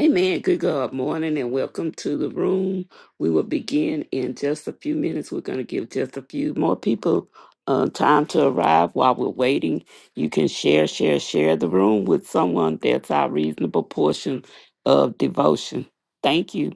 Amen. Good God morning and welcome to the room. We will begin in just a few minutes. We're going to give just a few more people uh, time to arrive while we're waiting. You can share, share, share the room with someone. That's our reasonable portion of devotion. Thank you.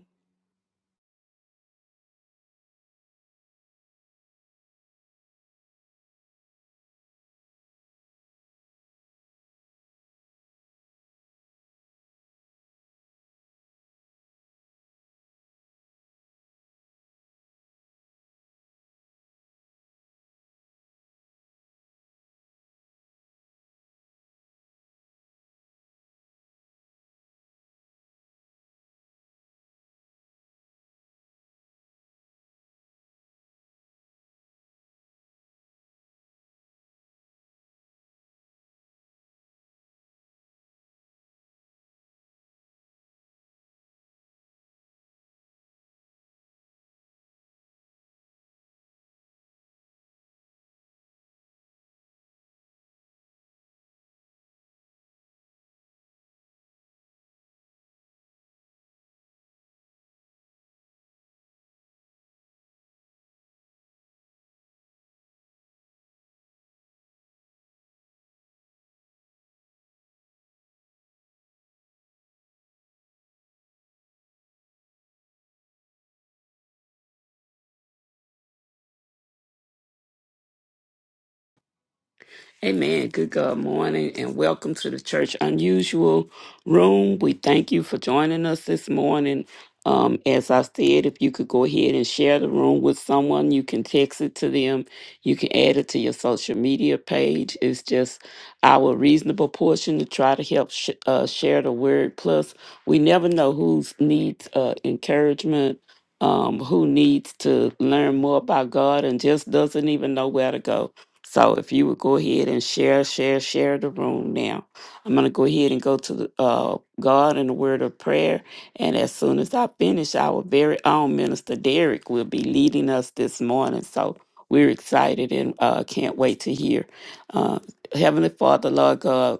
Amen. Good God morning and welcome to the Church Unusual Room. We thank you for joining us this morning. Um, as I said, if you could go ahead and share the room with someone, you can text it to them. You can add it to your social media page. It's just our reasonable portion to try to help sh- uh, share the word. Plus, we never know who needs uh, encouragement, um, who needs to learn more about God and just doesn't even know where to go. So if you would go ahead and share, share, share the room now. I'm going to go ahead and go to the, uh, God and the word of prayer. And as soon as I finish, our very own minister Derek will be leading us this morning. So we're excited and uh, can't wait to hear. Uh, Heavenly Father, Lord God.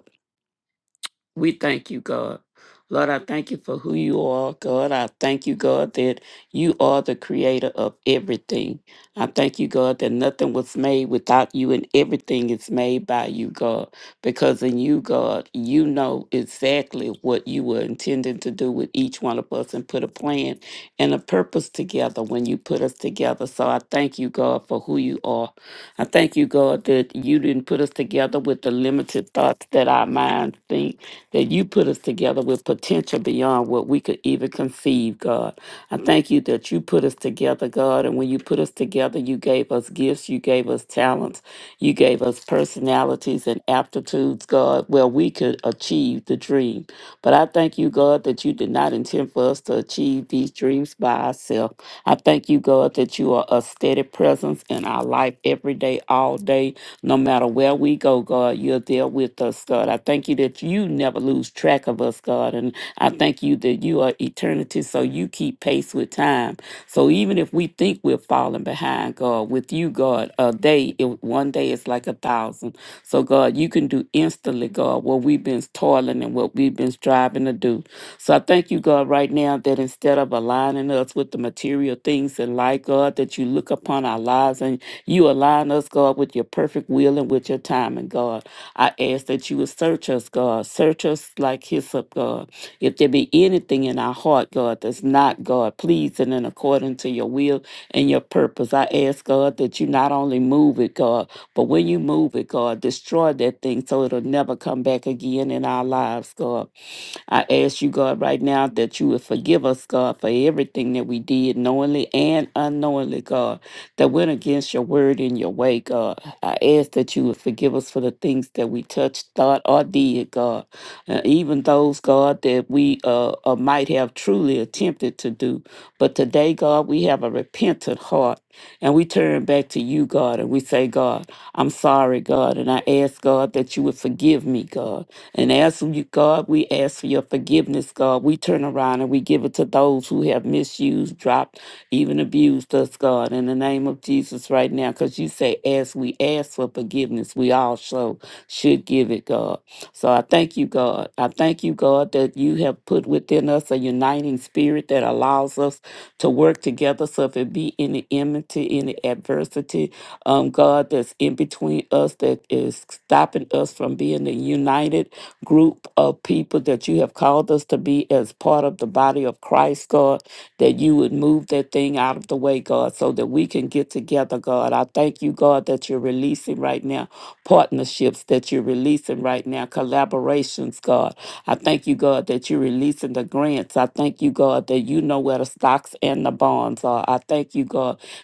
We thank you, God. Lord, I thank you for who you are, God. I thank you, God, that you are the creator of everything. I thank you, God, that nothing was made without you and everything is made by you, God. Because in you, God, you know exactly what you were intending to do with each one of us and put a plan and a purpose together when you put us together. So I thank you, God, for who you are. I thank you, God, that you didn't put us together with the limited thoughts that our minds think that you put us together with potential beyond what we could even conceive, God. I thank you that you put us together, God. And when you put us together, you gave us gifts, you gave us talents, you gave us personalities and aptitudes, God, where we could achieve the dream. But I thank you, God, that you did not intend for us to achieve these dreams by ourselves. I thank you, God, that you are a steady presence in our life every day, all day, no matter where we go, God. You're there with us, God. I thank you that you never lose track of us, God. And I thank you that you are eternity, so you keep pace with time. So even if we think we're falling, falling behind, God. With you, God, a day, it, one day is like a thousand. So, God, you can do instantly, God, what we've been toiling and what we've been striving to do. So, I thank you, God, right now that instead of aligning us with the material things in life, God, that you look upon our lives and you align us, God, with your perfect will and with your timing, God. I ask that you would search us, God. Search us like hyssop, God. If there be anything in our heart, God, that's not, God, pleasing and according to your will, and your purpose. I ask, God, that you not only move it, God, but when you move it, God, destroy that thing so it'll never come back again in our lives, God. I ask you, God, right now that you would forgive us, God, for everything that we did knowingly and unknowingly, God, that went against your word and your way, God. I ask that you would forgive us for the things that we touched, thought, or did, God. Uh, even those, God, that we uh, uh, might have truly attempted to do. But today, God, we have a repentant heart and we turn back to you, God, and we say, God, I'm sorry, God, and I ask, God, that you would forgive me, God. And as you, God, we ask for your forgiveness, God. We turn around and we give it to those who have misused, dropped, even abused us, God, in the name of Jesus right now. Because you say, as we ask for forgiveness, we also should give it, God. So I thank you, God. I thank you, God, that you have put within us a uniting spirit that allows us to work together. So if it be any enmity, any adversity, um, God, that's in between us, that is stopping us from being united group of people that you have called us to be as part of the body of Christ, God, that you would move that thing out of the way, God, so that we can get together, God. I thank you, God, that you're releasing right now partnerships that you're releasing right now, collaborations, God. I thank you, God, that you're releasing the grants. I thank you, God, that you know where the stocks and the bonds are. I thank you, God,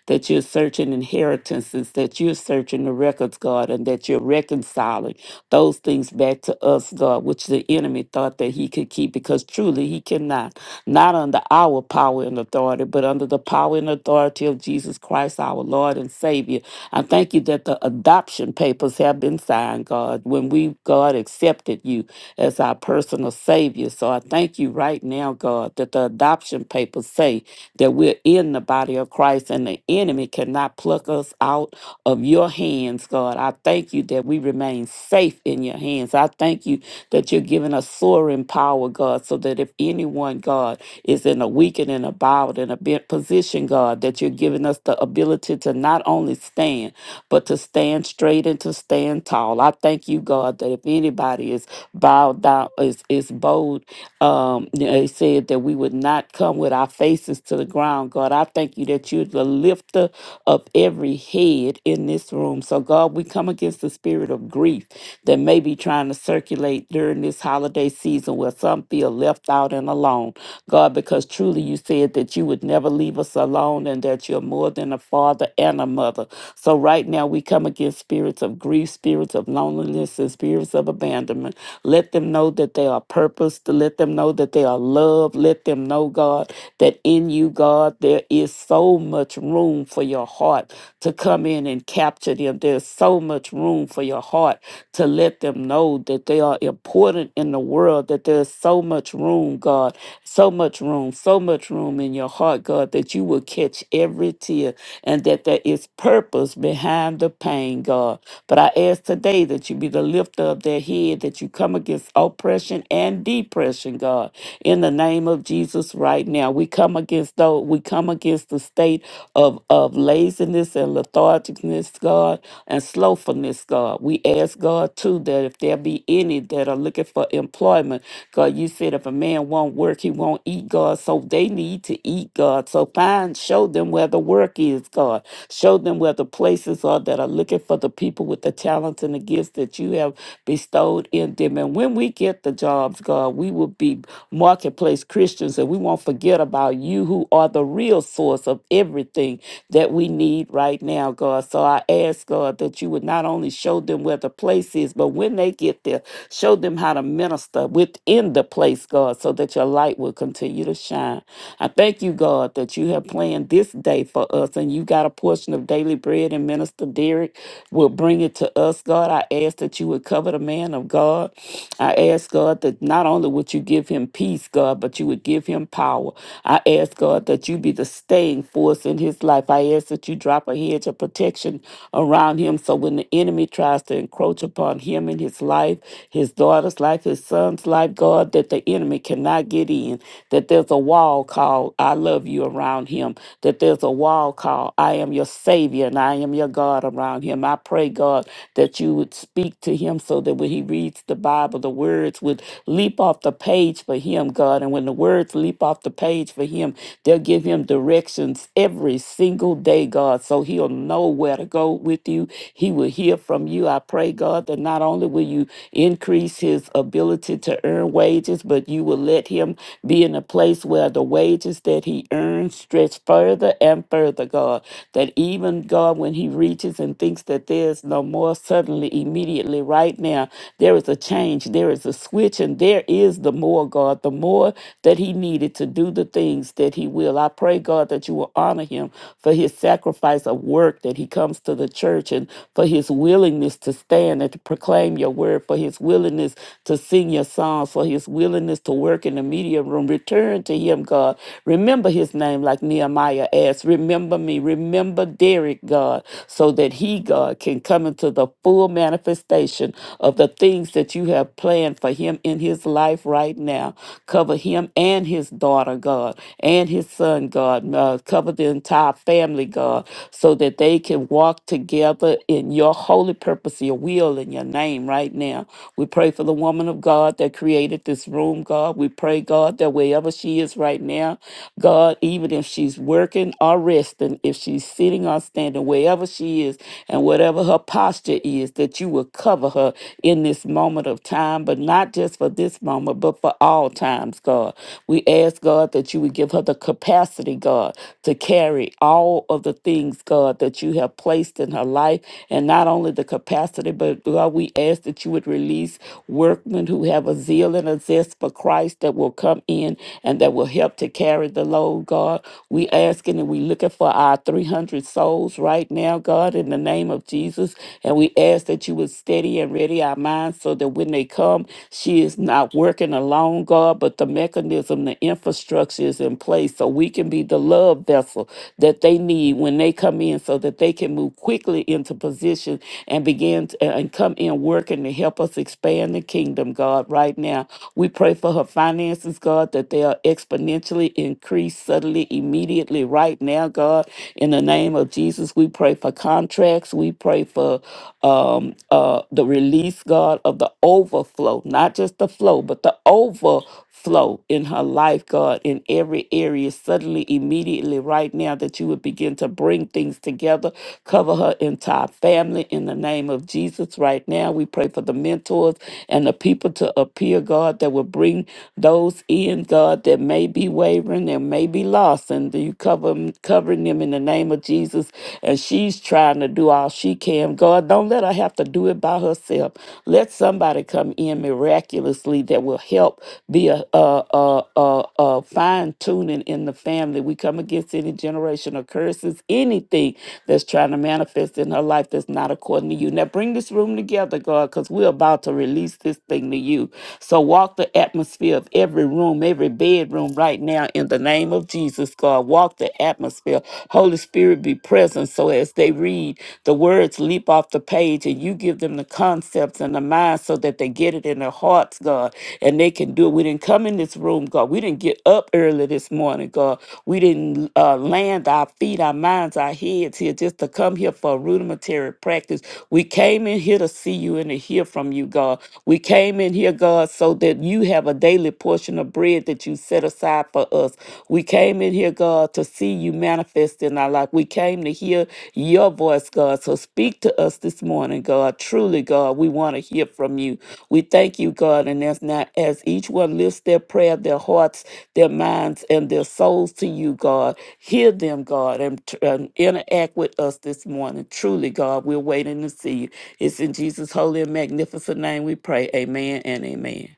that you're searching inheritances, that you're searching the records, God, and that you're reconciling those things back to us, God, which the enemy thought that he could keep because truly he cannot. Not under our power and authority, but under the power and authority of Jesus Christ, our Lord and Savior. I thank you that the adoption papers have been signed, God, when we, God, accepted you as our personal Savior. So I thank you right now, God, that the adoption papers say that we're in the body of Christ and the enemy cannot pluck us out of your hands, God. I thank you that we remain safe in your hands. I thank you that you're giving us soaring power, God, so that if anyone, God, is in a weakened and a bowed and a bent position, God, that you're giving us the ability to not only stand, but to stand straight and to stand tall. I thank you, God, that if anybody is bowed down, is, is bowed um, yeah, it said that we would not come with our faces to the ground. God, I thank you that you're the lifter of every head in this room. So, God, we come against the spirit of grief that may be trying to circulate during this holiday season where some feel left out and alone. God, because truly you said that you would never leave us alone and that you're more than a father and a mother. So, right now, we come against spirits of grief, spirits of loneliness, and spirits of abandonment. Let them know that they are purposed. Let them know that they are loved. Let them know, God, that in you, God, there is so much room for your heart to come in and capture them. There's so much room for your heart to let them know that they are important in the world, that there's so much room, God, so much room, so much room in your heart, God, that you will catch every tear and that there is purpose behind the pain, God. But I ask today, day that you be the lifter of their head, that you come against oppression and depression, God. In the name of Jesus, right now, we come against those, we come against the state of, of laziness and lethargicness, God, and slowfulness, God. We ask God too that if there be any that are looking for employment, God, you said if a man won't work, he won't eat, God. So they need to eat, God. So find, show them where the work is, God. Show them where the places are Lord, that are looking for the people with the talents and the gifts that you have bestowed in them. And when we get the jobs, God, we will be marketplace Christians and we won't forget about you who are the real source of everything that we need right now, God. So I ask, God, that you would not only show them where the place is, but when they get there, show them how to minister within the place, God, so that your light will continue to shine. I thank you, God, that you have planned this day for us us. And you got a portion of daily bread, and Minister Derek will bring it to us, God. I ask that you would cover the man of God. I ask, God, that not only would you give him peace, God, but you would give him power. I ask, God, that you be the staying force in his life. I ask that you drop a hedge of protection around him so when the enemy tries to encroach upon him and his life, his daughter's life, his son's life, God, that the enemy cannot get in, that there's a wall called I love love you around him, that there's a wall call. I am your Savior and I am your God around him. I pray, God, that you would speak to him so that when he reads the Bible, the words would leap off the page for him, God. And when the words leap off the page for him, they'll give him directions every single day, God, so he'll know where to go with you. He will hear from you. I pray, God, that not only will you increase his ability to earn wages, but you will let him be in a place where the wages that he earns stretch further and further, God. That even, God, when he reaches and thinks that there's no more, suddenly, immediately, right now, there is a change, there is a switch, and there is the more, God, the more that he needed to do the things that he will. I pray, God, that you will honor him for his sacrifice of work that he comes to the church and for his willingness to stand and to proclaim your word, for his willingness to sing your song song for his willingness to work in the media room. Return to him, God. Remember his name, like Nehemiah asked. Remember me. Remember Derek, God, so that he, God, can come into the full manifestation of the things that you have planned for him in his life right now. Cover him and his daughter, God, and his son, God. Uh, cover the entire family, God, so that they can walk together in your holy purpose, your will, and your name, right? right now. We pray for the woman of God that created this room, God. We pray, God, that wherever she is right now, God, even if she's working or resting, if she's sitting or standing, wherever she is, and whatever her posture is, that you will cover her in this moment of time, but not just for this moment, but for all times, God. We ask, God, that you would give her the capacity, God, to carry all of the things, God, that you have placed in her life, and not not only the capacity, but God, we ask that you would release workmen who have a zeal and a zest for Christ that will come in and that will help to carry the load, God. We asking and we looking for our 300 souls right now, God, in the name of Jesus. And we ask that you would steady and ready our minds so that when they come, she is not working alone, God, but the mechanism, the infrastructure is in place so we can be the love vessel that they need when they come in in so that they can move quickly into position and begin to, and come in working to help us expand the kingdom, God, right now. We pray for her finances, God, that they are exponentially increased suddenly, immediately, right now, God. In the name of Jesus, we pray for contracts. We pray for um, uh, the release, God, of the overflow, not just the flow, but the overflow flow in her life, God, in every area, suddenly, immediately, right now, that you would begin to bring things together, cover her entire family in the name of Jesus. Right now, we pray for the mentors and the people to appear, God, that will bring those in, God, that may be wavering and may be lost, and you cover 'em- covering them in the name of Jesus. And she's trying to do all she can. God, don't let her have to do it by herself. Let somebody come in miraculously that will help be a, a, a, a, a fine tuning in the family. We come against any generational curses, anything that's trying to manifest in her life that's not according to you. Now bring this room together, God, because we're about to release this thing to you. So walk the atmosphere of every room, every bedroom right now in the name of Jesus, God. Walk the atmosphere. Holy Spirit be present so as they read, the words leap off the page and you give them the concepts and the mind so that they get it in their heart hearts, God, and they can do it. We didn't come in this room, God. We didn't get up early this morning, God. We didn't uh, land our feet, our minds, our heads here just to come here for a rudimentary practice. We came in here to see you and to hear from you, God. We came in here, God, so that you have a daily portion of bread that you set aside for us. We came in here, God, to see you manifest in our life. We came to hear your voice, God. So speak to us this morning, God. Truly, God, we want to hear from you. We thank you, God, and as now as each one lifts their prayer, their hearts, their minds, and their souls to you, God, hear them, God, and, t- and interact with us this morning. Truly, God, we're waiting to see you. It's in Jesus' holy and magnificent name we pray. Amen and amen.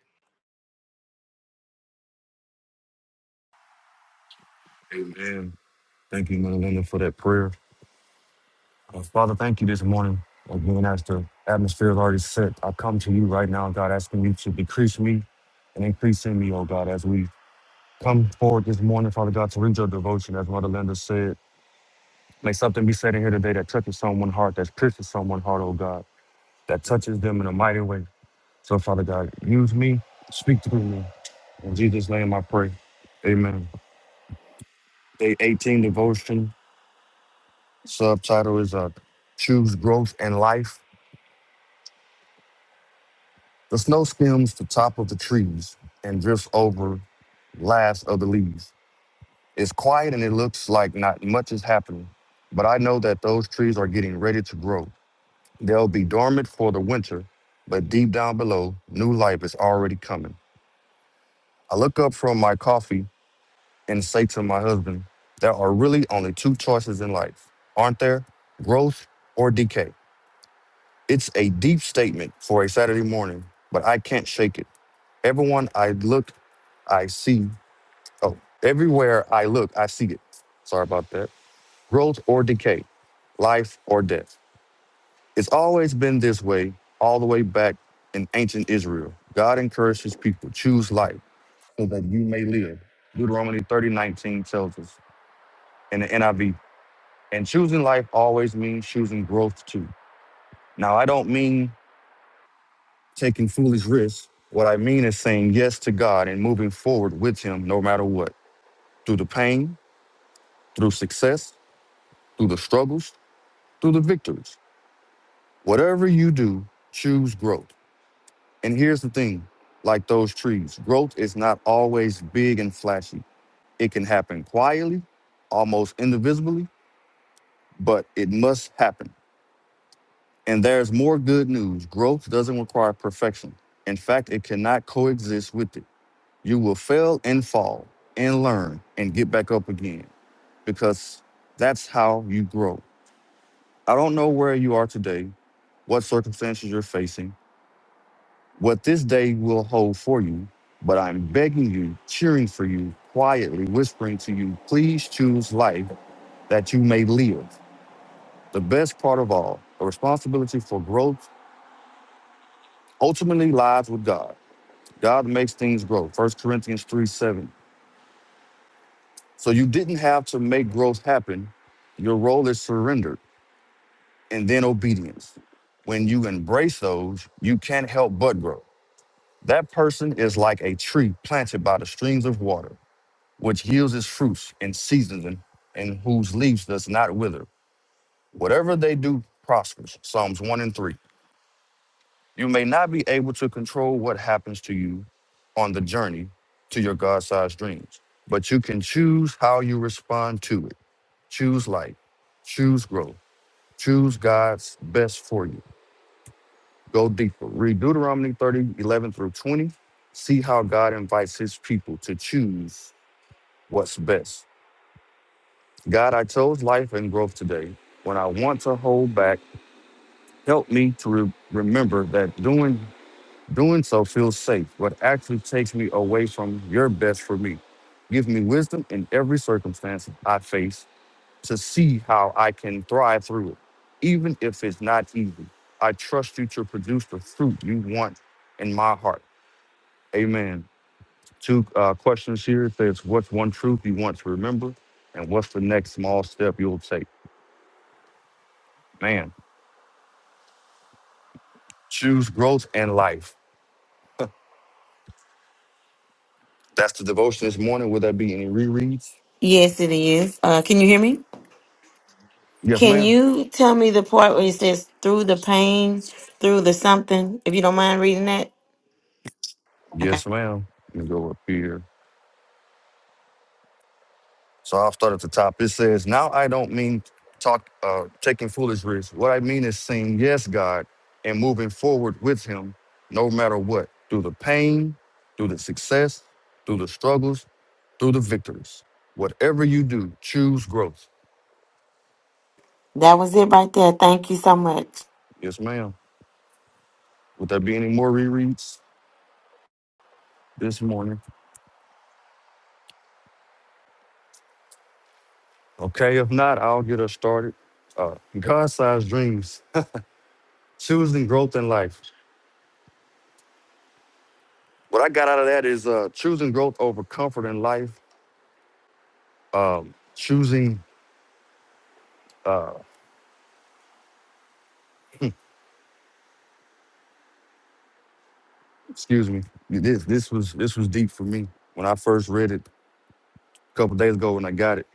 Amen. Thank you, Mother Linda, for that prayer. Uh, Father, thank you this morning. Again, as the atmosphere is already set, I come to you right now, God, asking you to decrease me and increase in me, oh God, as we come forward this morning, Father God, to read your devotion, as Mother Linda said. May something be said in here today that touches someone's heart, that pierces someone's heart, oh God, that touches them in a mighty way. So, Father God, use me, speak through me. In Jesus' name I pray. Amen. Day 18 devotion Subtitle is uh, Choose Growth and Life. The snow skims the top of the trees and drifts over last of the leaves. It's quiet and it looks like not much is happening, but I know that those trees are getting ready to grow. They'll be dormant for the winter, but deep down below, new life is already coming. I look up from my coffee and say to my husband, There are really only two choices in life, aren't there? Growth or decay. It's a deep statement for a Saturday morning, but I can't shake it. Everyone I look, I see. Oh, everywhere I look, I see it. Sorry about that. Growth or decay, life or death. It's always been this way, all the way back in ancient Israel. God encouraged his people, choose life so that you may live. Deuteronomy 30:19 tells us in the NIV. And choosing life always means choosing growth too. Now, I don't mean taking foolish risks. What I mean is saying yes to God and moving forward with Him no matter what, through the pain, through success, through the struggles, through the victories. Whatever you do, choose growth. And here's the thing like those trees, growth is not always big and flashy. It can happen quietly, almost invisibly, but it must happen. And there's more good news growth doesn't require perfection. In fact, it cannot coexist with it. You will fail and fall and learn and get back up again because that's how you grow. I don't know where you are today, what circumstances you're facing, what this day will hold for you, but I'm begging you, cheering for you, quietly whispering to you, please choose life that you may live. The best part of all, a responsibility for growth ultimately lies with God. God makes things grow. First Corinthians 3 7. So you didn't have to make growth happen. Your role is surrender and then obedience. When you embrace those, you can't help but grow. That person is like a tree planted by the streams of water, which yields its fruits in season and and whose leaves does not wither. Whatever they do prospers. Psalms 1 and 3. You may not be able to control what happens to you on the journey to your God sized dreams, but you can choose how you respond to it. Choose life. Choose growth. Choose God's best for you. Go deeper. Read Deuteronomy 30 11 through 20. See how God invites his people to choose what's best. God, I chose life and growth today. When I want to hold back, help me to re- remember that doing doing so feels safe, but actually takes me away from your best for me. Give me wisdom in every circumstance I face to see how I can thrive through it, even if it's not easy. I trust you to produce the fruit you want in my heart. Amen. Two uh, questions here it says, What's one truth you want to remember? And what's the next small step you'll take? Man, choose growth and life. That's the devotion this morning. Will there be any rereads? Yes, it is. Uh, can you hear me? Yes, Can ma'am. you tell me the part where it says through the pain, through the something, if you don't mind reading that? Okay. Yes, ma'am. Let me go up here. So I'll start at the top. It says, Now I don't mean talk uh, taking foolish risks. What I mean is saying yes, God, and moving forward with Him no matter what, through the pain, through the success, through the struggles, through the victories. Whatever you do, choose growth. That was it right there. Thank you so much. Yes, ma'am. Would there be any more rereads this morning? Okay, if not, I'll get us started. Uh, God-sized dreams, choosing growth in life. What I got out of that is uh, choosing growth over comfort in life um, choosing. Uh, excuse me. This this was this was deep for me when I first read it a couple days ago when I got it.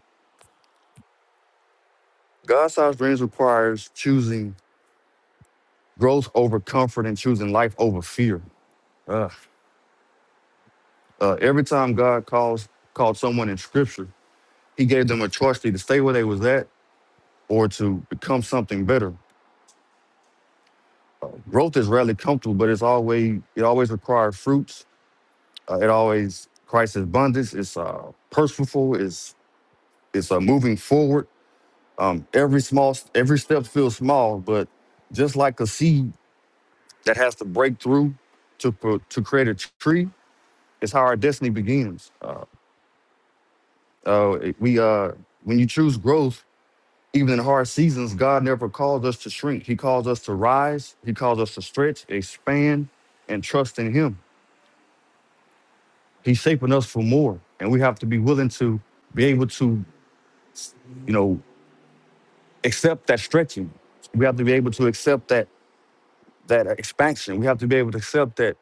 God-sized dreams requires choosing growth over comfort and choosing life over fear. Ugh. Uh, every time God calls called someone in Scripture, He gave them a choice to either stay where they was at or to become something better. Growth is rarely comfortable, but it's always it always requires fruits. Uh, it always Christ's abundance. It's uh, purposeful. It's it's uh, moving forward Um, every small, every step feels small, but just like a seed that has to break through to pro- to create a tree, is how our destiny begins. Uh, uh, it- we uh, when you choose growth, even in hard seasons, God never calls us to shrink. He calls us to rise. He calls us to stretch, expand, and trust in Him. He's shaping us for more, and we have to be willing to be able to, you know, accept that stretching. We have to be able to accept that that expansion. We have to be able to accept that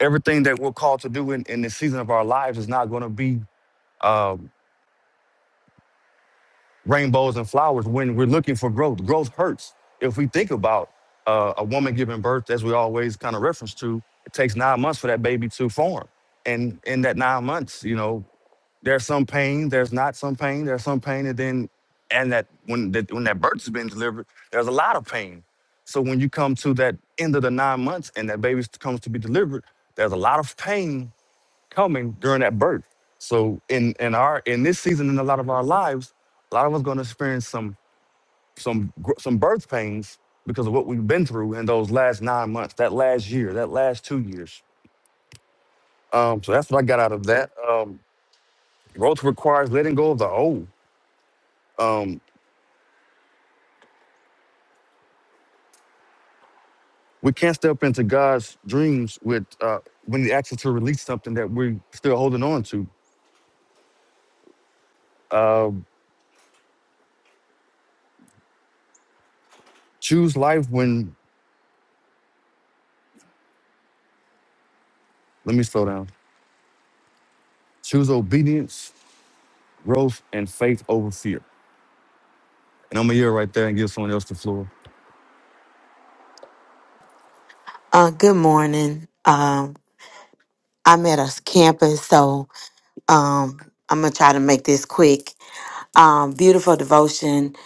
everything that we're called to do in, in the season of our lives is not going to be um, rainbows and flowers when we're looking for growth. Growth hurts. If we think about uh, a woman giving birth, as we always kind of reference to, it takes nine months for that baby to form. And in that nine months, you know, there's some pain, there's not some pain, there's some pain, and then and that when that when that birth's been delivered, there's a lot of pain. So when you come to that end of the nine months and that baby comes to be delivered, there's a lot of pain coming during that birth. So in in our in this season in a lot of our lives, a lot of us going to experience some some gr- some birth pains because of what we've been through in those last nine months, that last year, that last two years. Um, so that's what I got out of that. Um, growth requires letting go of the old. Um, we can't step into God's dreams with uh, when He asks us to release something that we're still holding on to. Uh, choose life when. Let me slow down. Choose obedience, growth, and faith over fear. And I'm going to yield right there and give someone else the floor. Uh, good morning. Um, I'm at a campus, so um, I'm going to try to make this quick. Um, beautiful devotion.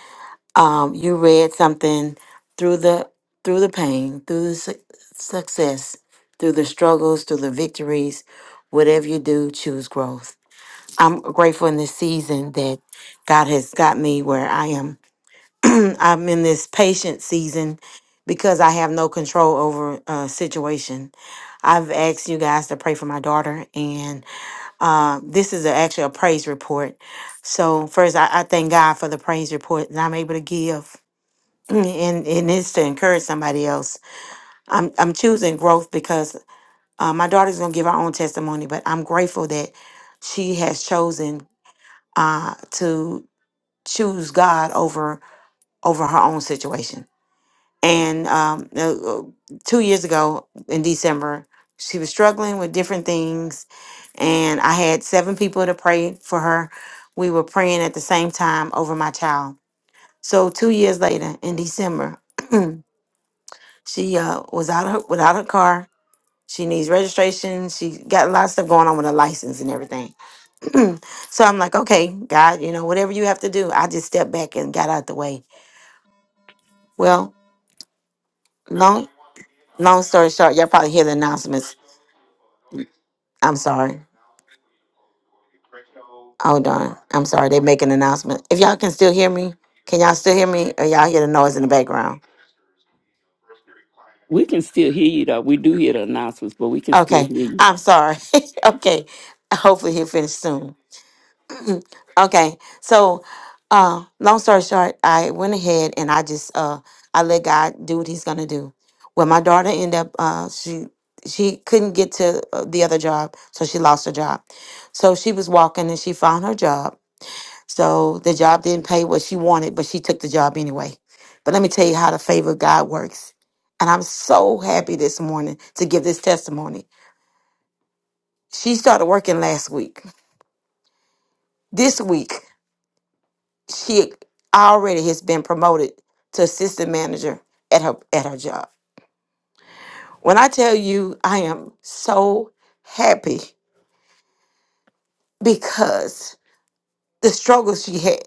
Um, you read something through the through the pain, through the su- success, through the struggles, through the victories. Whatever you do, choose growth. I'm grateful in this season that God has got me where I am. I'm in this patient season because I have no control over a situation. I've asked you guys to pray for my daughter, and uh, this is a, actually a praise report. So, first, I, I thank God for the praise report that I'm able to give. And, and it's to encourage somebody else. I'm, I'm choosing growth because uh, my daughter's going to give her own testimony, but I'm grateful that she has chosen uh, to choose God over over her own situation. And um, uh, uh, two years ago in December, she was struggling with different things, and I had seven people to pray for her. We were praying at the same time over my child. So two years later, in December, she uh, was out of her, without her car. She needs registration. She got a lot of stuff going on with her license and everything. so I'm like, okay, God, you know, whatever you have to do, I just stepped back and got out the way. Well, long. Long story short, y'all probably hear the announcements. I'm sorry. Hold on. I'm sorry. They make an announcement. If y'all can still hear me, can y'all still hear me? Or y'all hear the noise in the background? We can still hear you, though. We do hear the announcements, but we can still Okay. hear you. I'm sorry. okay. Hopefully he'll finish soon. Okay. So uh long story short, I went ahead and I just uh I let God do what he's gonna do. Well my daughter ended up uh she she couldn't get to uh, the other job, so she lost her job. So she was walking and she found her job So the job didn't pay what she wanted, but she took the job anyway. But let me tell you how the favor of God works. And I'm so happy this morning to give this testimony. She started working last week. This week, she already has been promoted to assistant manager at her at her job. When I tell you I am so happy because the struggle she had,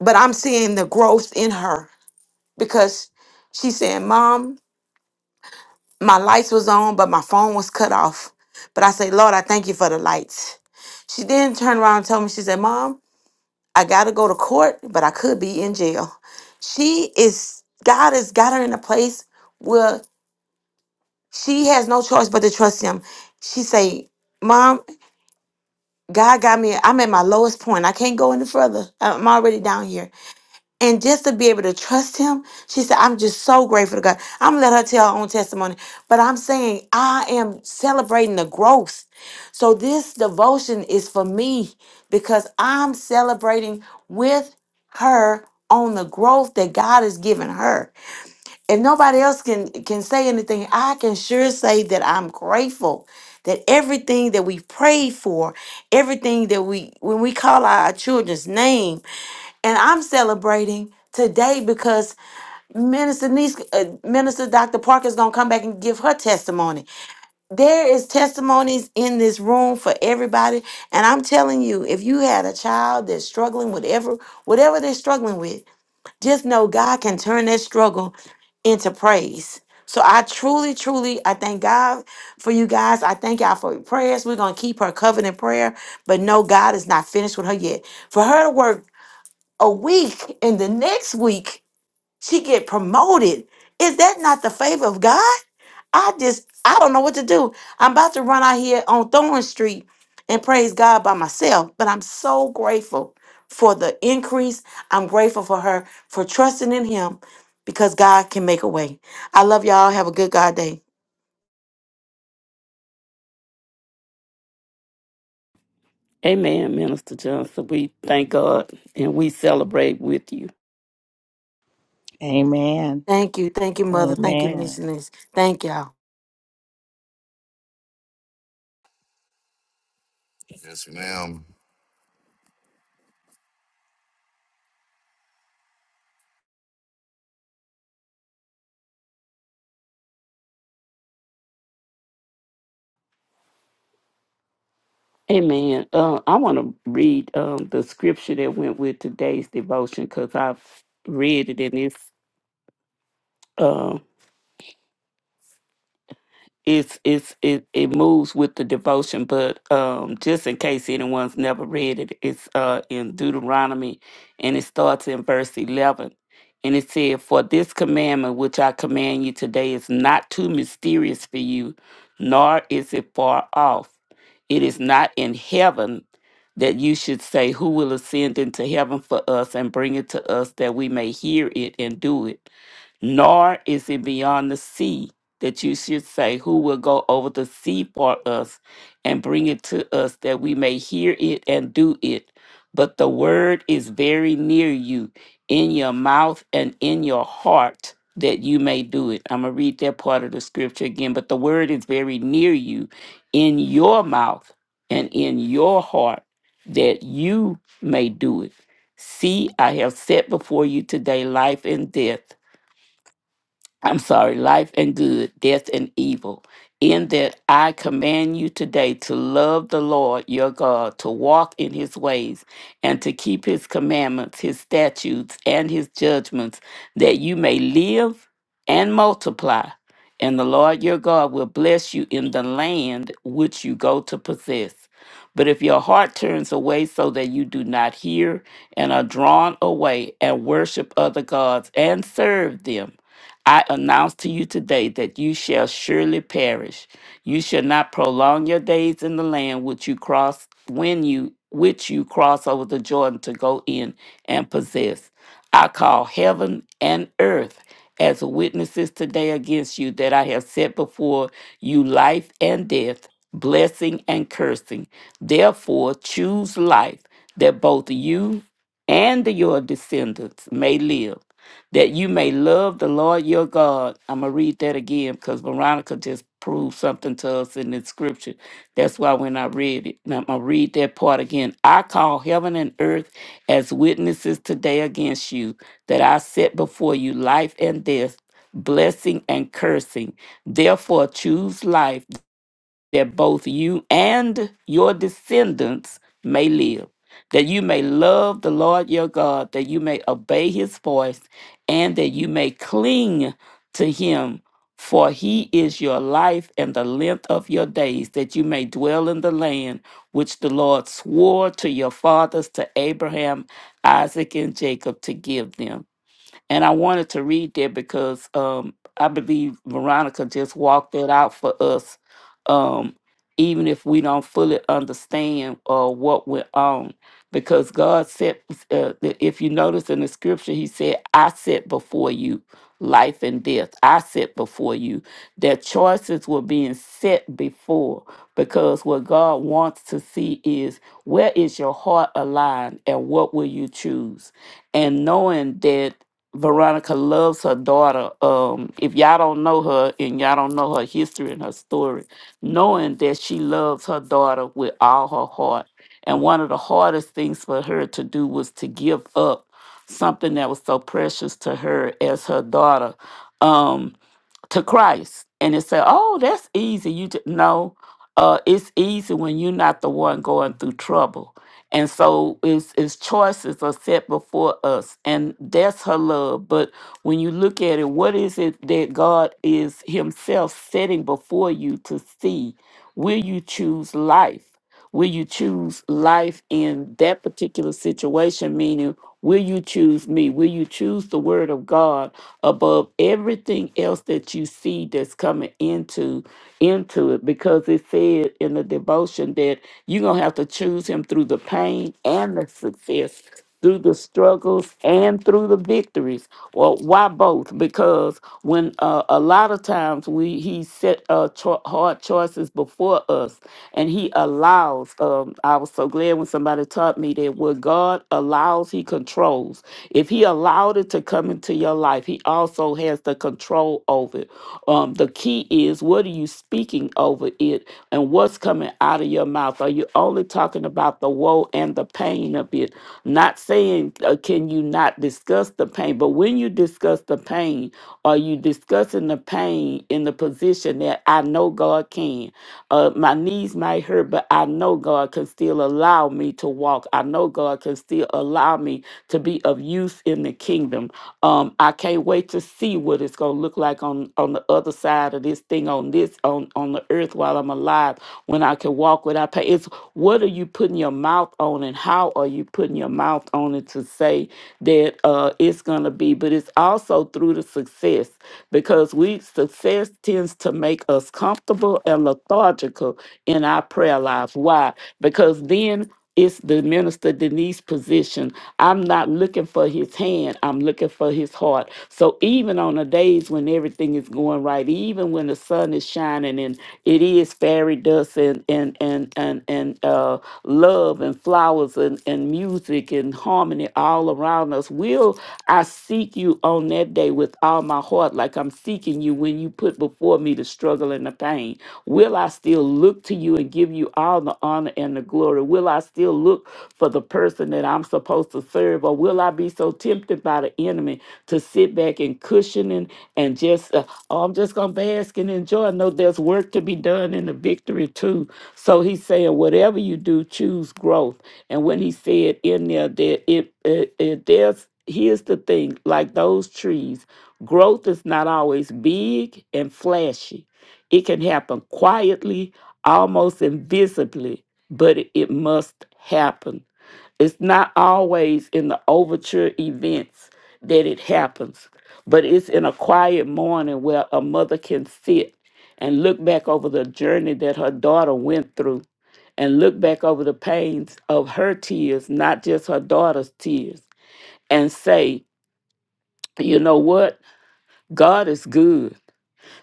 but I'm seeing the growth in her because she's saying, "Mom, my lights was on, but my phone was cut off. But I say, Lord, I thank you for the lights. She then turned around and told me, she said, Mom, I gotta go to court, but I could be in jail. She is God has got her in a place where she has no choice but to trust him. She say, Mom, God got me. I'm at my lowest point. I can't go any further. I'm already down here. And just to be able to trust him, she said, I'm just so grateful to God. I'm gonna let her tell her own testimony. But I'm saying I am celebrating the growth. So this devotion is for me because I'm celebrating with her on the growth that God has given her. If nobody else can can say anything, I can sure say that I'm grateful that everything that we prayed for, everything that we when we call our children's name and I'm celebrating today because Minister Nice, uh, Minister Dr. Parker's gonna come back and give her testimony. There is testimonies in this room for everybody, and I'm telling you, if you had a child that's struggling whatever whatever they're struggling with, just know God can turn that struggle into praise. So I truly, truly, I thank God for you guys. I thank y'all for your prayers. We're gonna keep her covered in prayer, but no, God is not finished with her yet. For her to work a week and the next week she get promoted. Is that not the favor of God? I just I don't know what to do. I'm about to run out here on Thorn Street and praise God by myself, but I'm so grateful for the increase. I'm grateful for her for trusting in him because God can make a way. I love y'all. Have a good God day. Amen, Minister Johnson. We thank God and we celebrate with you. Amen. Thank you. Thank you, mother. Thank you, Amen. missionaries. Thank y'all. Yes, ma'am. Amen. Uh, I want to read um, the scripture that went with today's devotion because I've read it and it's uh, it's it's it, it moves with the devotion but um just in case anyone's never read it it's uh in deuteronomy and it starts in verse 11 and it said for this commandment which i command you today is not too mysterious for you nor is it far off it is not in heaven that you should say who will ascend into heaven for us and bring it to us that we may hear it and do it nor is it beyond the sea that you should say, Who will go over the sea for us and bring it to us that we may hear it and do it? But the word is very near you, in your mouth and in your heart, that you may do it. I'm going to read that part of the scripture again. But the word is very near you, in your mouth and in your heart, that you may do it. See, I have set before you today life and death I'm sorry, life and good, death and evil, in that I command you today to love the Lord your God, to walk in his ways, and to keep his commandments, his statutes, and his judgments, that you may live and multiply. And the Lord your God will bless you in the land which you go to possess. But if your heart turns away so that you do not hear and are drawn away and worship other gods and serve them, I announce to you today that you shall surely perish. You shall not prolong your days in the land which you cross when you which you cross over the Jordan to go in and possess. I call heaven and earth as witnesses today against you that I have set before you life and death, blessing and cursing. Therefore choose life that both you and your descendants may live that you may love the Lord your God. I'm going to read that again because Veronica just proved something to us in the scripture. That's why when I read it, and I'm going to read that part again. I call heaven and earth as witnesses today against you that I set before you life and death, blessing and cursing. Therefore, choose life that both you and your descendants may live, that you may love the Lord your God, that you may obey his voice, and that you may cling to him. For he is your life and the length of your days, that you may dwell in the land which the Lord swore to your fathers, to Abraham, Isaac, and Jacob, to give them. And I wanted to read that because um, I believe Veronica just walked that out for us. Um, even if we don't fully understand uh, what we're on, because God said, uh, that if you notice in the scripture, He said, I set before you life and death. I set before you. That choices were being set before, because what God wants to see is where is your heart aligned and what will you choose? And knowing that. Veronica loves her daughter. Um, if y'all don't know her and y'all don't know her history and her story, knowing that she loves her daughter with all her heart. And one of the hardest things for her to do was to give up something that was so precious to her as her daughter. Um, to Christ. And it said, "Oh, that's easy." You just no, uh, it's easy when you're not the one going through trouble. And so, it's, it's choices are set before us, and that's her love. But when you look at it, what is it that God is Himself setting before you to see? Will you choose life? Will you choose life in that particular situation? Meaning. Will you choose me? Will you choose the word of God above everything else that you see that's coming into into it? Because it said in the devotion that you're gonna have to choose him through the pain and the success, through the struggles and through the victories. Well, so why both? Because when uh, a lot of times we he set uh, cho- hard choices before us, and he allows. Um, I was so glad when somebody taught me that what God allows, He controls. If He allowed it to come into your life, He also has the control over it. Um, the key is what are you speaking over it, and what's coming out of your mouth. Are you only talking about the woe and the pain of it? Not saying, uh, can you not discuss the pain, but when you discuss the pain, are you discussing the pain in the position that I know God can? Uh, my knees might hurt, but I know God can still allow me to walk. I know God can still allow me to be of use in the kingdom. Um, I can't wait to see what it's gonna look like on on the other side of this thing on this on on the earth while I'm alive when I can walk without pain. It's what are you putting your mouth on and how are you putting your mouth on it to say that uh it's gonna be, but it's also through the success because we success tends to make us comfortable and lethargical in our prayer life. Why? Because then it's the minister Denise position. I'm not looking for his hand. I'm looking for his heart. So even on the days when everything is going right, even when the sun is shining and it is fairy dust and and and and and uh, love and flowers and and music and harmony all around us, will I seek you on that day with all my heart, like I'm seeking you when you put before me the struggle and the pain? Will I still look to you and give you all the honor and the glory? Will I still look for the person that I'm supposed to serve? Or will I be so tempted by the enemy to sit back and cushioning and just, uh, oh, I'm just going to bask and enjoy? No, there's work to be done in the victory too. So he's saying, whatever you do, choose growth. And when he said in there that it, it, it there's, here's the thing like those trees, growth is not always big and flashy it can happen quietly, almost invisibly, but it it must happen. It's not always in the overture events that it happens, but it's in a quiet morning where a mother can sit and look back over the journey that her daughter went through and look back over the pains of her tears, not just her daughter's tears, and say, you know what? God is good.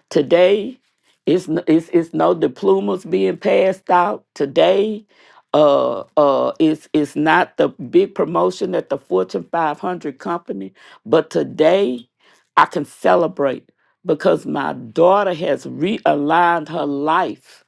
Today, it's, n- it's, it's no diplomas being passed out. Today, uh, uh, it's, it's not the big promotion at the Fortune 500 company, but today I can celebrate because my daughter has realigned her life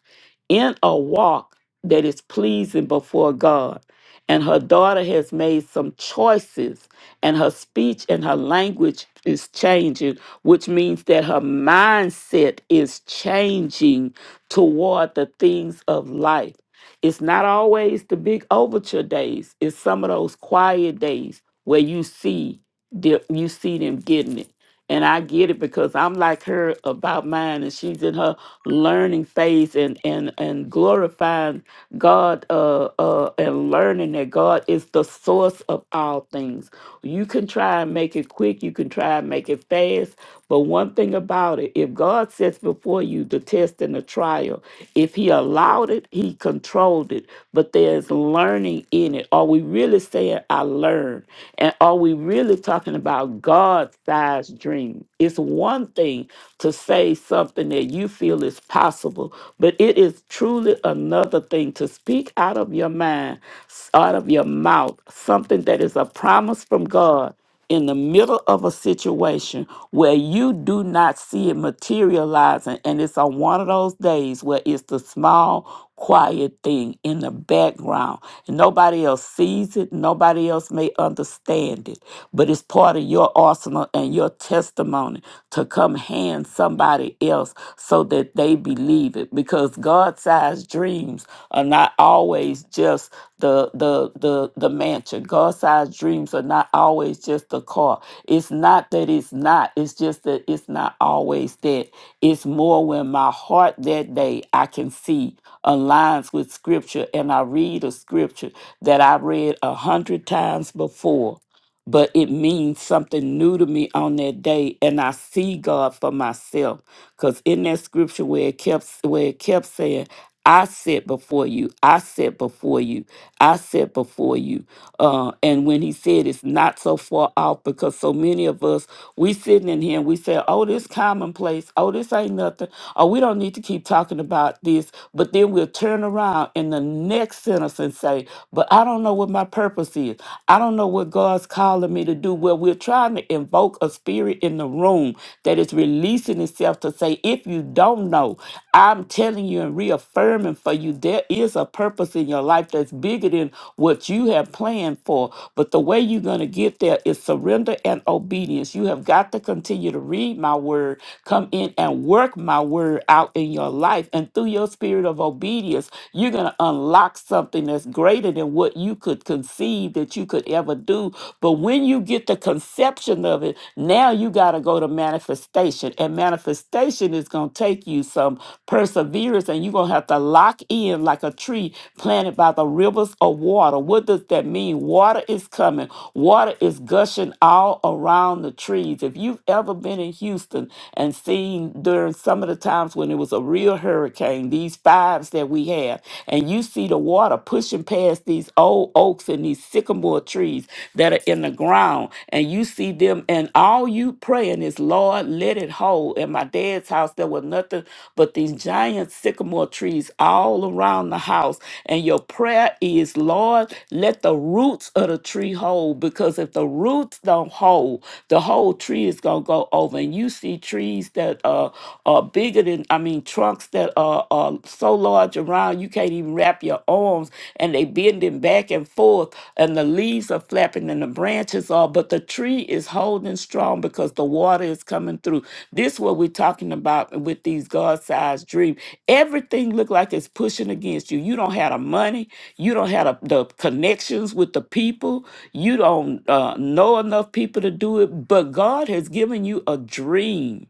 in a walk that is pleasing before God. And her daughter has made some choices, and her speech and her language is changing, which means that her mindset is changing toward the things of life. It's not always the big overture days. It's some of those quiet days where you see the, you see them getting it. And I get it because I'm like her about mine, and she's in her learning phase and and and glorifying God uh, uh, and learning that God is the source of all things. You can try and make it quick. You can try and make it fast, but one thing about it, if God sets before you the test and the trial, if He allowed it, He controlled it. But there's learning in it. Are we really saying, I learned? And are we really talking about God's sized dream? It's one thing to say something that you feel is possible, but it is truly another thing to speak out of your mind, s- out of your mouth, something that is a promise from God in the middle of a situation where you do not see it materializing, and it's on one of those days where it's the small, quiet thing in the background, and nobody else sees it, nobody else may understand it, but it's part of your arsenal and your testimony to come hand somebody else so that they believe it because God sized dreams are not always just the the the the mansion. God-sized dreams are not always just the car. It's not that it's not. It's just that it's not always that. It's more when my heart that day I can see aligns with scripture and I read a scripture that I read a hundred times before. But it means something new to me on that day, and I see God for myself. Cause in that scripture where it kept where it kept saying I sit before you. I sit before you. I sit before you. Uh, and when he said it's not so far off, because so many of us, we sitting in here and we say, oh, this commonplace. Oh, this ain't nothing. Oh, we don't need to keep talking about this. But then we'll turn around in the next sentence and say, but I don't know what my purpose is. I don't know what God's calling me to do. Well, we're trying to invoke a spirit in the room that is releasing itself to say, if you don't know, I'm telling you and reaffirming affirming for you there is a purpose in your life that's bigger than what you have planned for. But the way you're going to get there is surrender and obedience. You have got to continue to read my word, come in and work my word out in your life. And through your spirit of obedience, you're going to unlock something that's greater than what you could conceive that you could ever do. But when you get the conception of it, now you got to go to manifestation. And manifestation is going to take you some perseverance and you and you're gonna have to lock in like a tree planted by the rivers of water. What does that mean? Water is coming, water is gushing all around the trees. If you've ever been in Houston and seen during some of the times when it was a real hurricane, these fives that we have, and you see the water pushing past these old oaks and these sycamore trees that are in the ground, and you see them, and all you praying is, Lord, let it hold. In my dad's house, there was nothing but these giant sycamores sycamore trees all around the house. And your prayer is, Lord, let the roots of the tree hold, because if the roots don't hold, the whole tree is going to go over. And you see trees that are, are bigger than, I mean, trunks that are, are so large around you can't even wrap your arms, and they bending back and forth, and the leaves are flapping, and the branches are, but the tree is holding strong because the water is coming through. This is what we're talking about with these God-sized dreams. Everything look like it's pushing against you. You don't have the money. You don't have the, the connections with the people. You don't uh, know enough people to do it. But God has given you a dream,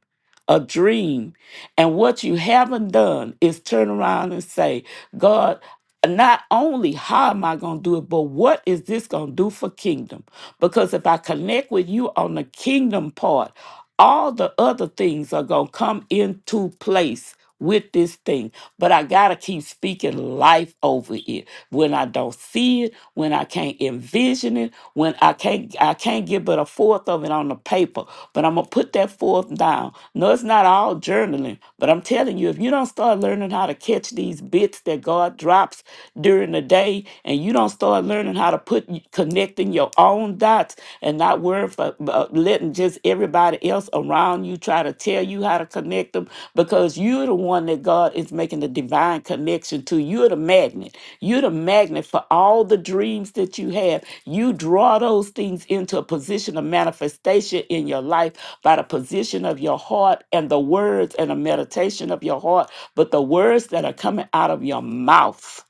a dream. And what you haven't done is turn around and say, God, not only how am I going to do it, but what is this going to do for kingdom? Because if I connect with you on the kingdom part, all the other things are going to come into place with this thing, but I got to keep speaking life over it. When I don't see it, when I can't envision it, when I can't I can't get but a fourth of it on the paper, but I'm going to put that fourth down. No, it's not all journaling, but I'm telling you if you don't start learning how to catch these bits that God drops during the day and you don't start learning how to put connecting your own dots and not worrying word for uh, letting just everybody else around you try to tell you how to connect them because you're the one that God is making the divine connection to. You're the magnet. You're the magnet for all the dreams that you have. You draw those things into a position of manifestation in your life by the position of your heart and the words and the meditation of your heart, but the words that are coming out of your mouth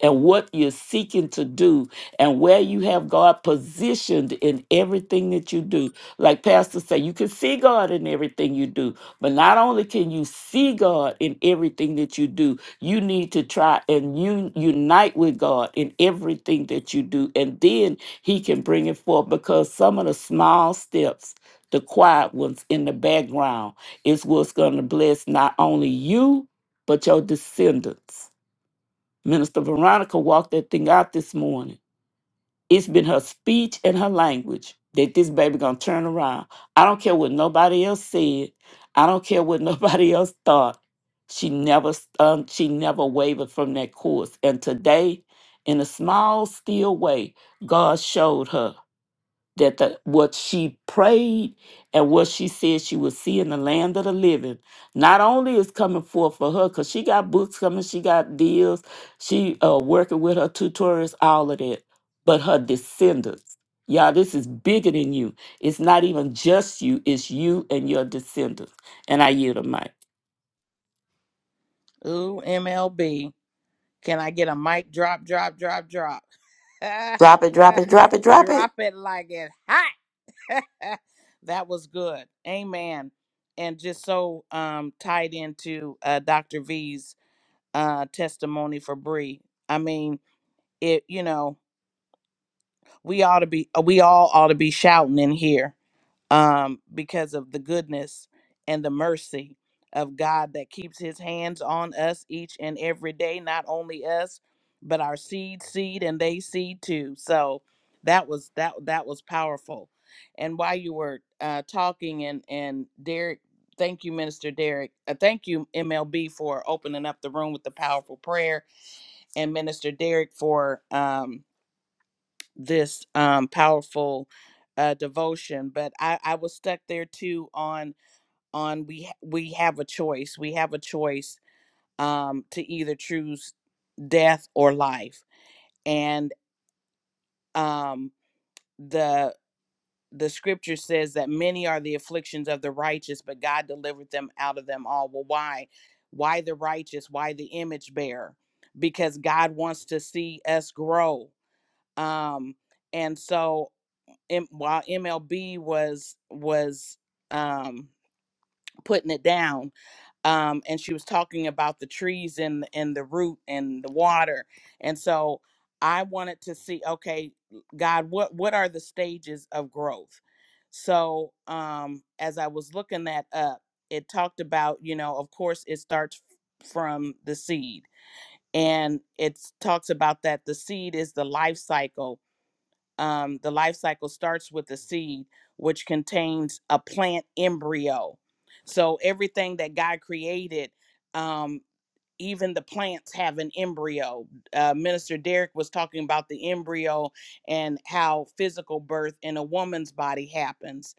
and what you're seeking to do and where you have God positioned in everything that you do. Like Pastor say, you can see God in everything you do, but not only can you see God in everything that you do, you need to try and un- unite with God in everything that you do, and then He can bring it forth because some of the small steps. The quiet ones in the background is what's going to bless not only you, but your descendants. Minister Veronica walked that thing out this morning it's been her speech and her language that this baby gonna turn around. I don't care what nobody else said. I don't care what nobody else thought. She never, um, she never wavered from that course. And today, in a small, still way, God showed her that the, what she prayed and what she said she would see in the land of the living not only is coming forth for her because she got books coming she got deals she uh, working with her tutors all of that but her descendants y'all this is bigger than you it's not even just you it's you and your descendants and i yield a mic Ooh, MLB. Can I get a mic drop, drop, drop, drop? Drop it, drop it, drop it, drop it. drop it like it's hot. that was good. Amen. And just so um tied into uh Dr. V's uh testimony for Bree. I mean, it you know, we ought to be we all ought to be shouting in here um, because of the goodness and the mercy of God that keeps his hands on us each and every day, not only us, but our seed seed and they seed too. So that was that that was powerful. And while you were uh, talking and and Derek, thank you, Minister Derek. Uh, thank you, MLB, for opening up the room with the powerful prayer and Minister Derek for um, this um, powerful uh, devotion. But I, I was stuck there too on on we ha- we have a choice. We have a choice um, to either choose death or life. And um, the the scripture says that many are the afflictions of the righteous, but God delivered them out of them all. Well, why? Why the righteous? Why the image bearer? Because God wants to see us grow. Um, and so M- while MLB was was um putting it down um and she was talking about the trees and and the root and the water and so I wanted to see okay God what what are the stages of growth so um as I was looking that up it talked about you know of course it starts from the seed and it talks about that the seed is the life cycle um, the life cycle starts with the seed, which contains a plant embryo. So everything that God created, um, even the plants have an embryo. Uh, Minister Derek was talking about the embryo and how physical birth in a woman's body happens,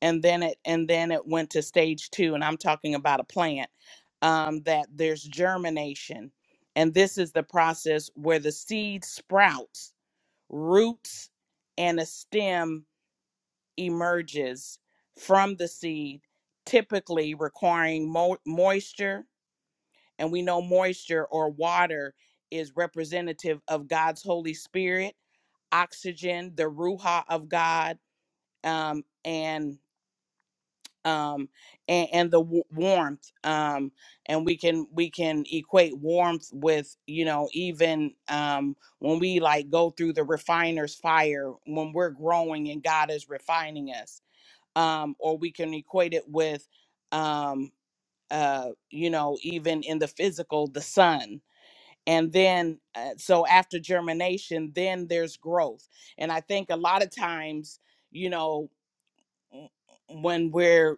and then it and then it went to stage two, and I'm talking about a plant um, that there's germination, and this is the process where the seed sprouts roots and a stem emerges from the seed, typically requiring mo- moisture. And we know moisture or water is representative of God's Holy Spirit, oxygen, the Ruha of God, um, and um and, and the w- warmth um and we can we can equate warmth with you know even um when we like go through the refiner's fire when we're growing and god is refining us um or we can equate it with um uh you know even in the physical the sun and then uh, so after germination then there's growth and i think a lot of times you know w- when we're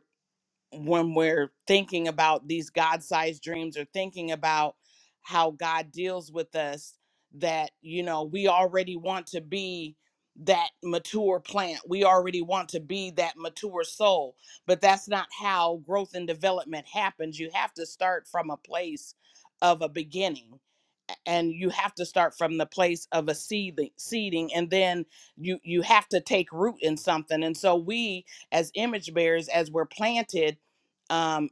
when we're thinking about these god-sized dreams or thinking about how god deals with us that you know we already want to be that mature plant we already want to be that mature soul but that's not how growth and development happens you have to start from a place of a beginning a- and you have to start from the place of a seeding seeding and then you you have to take root in something and so we as image bearers as we're planted um,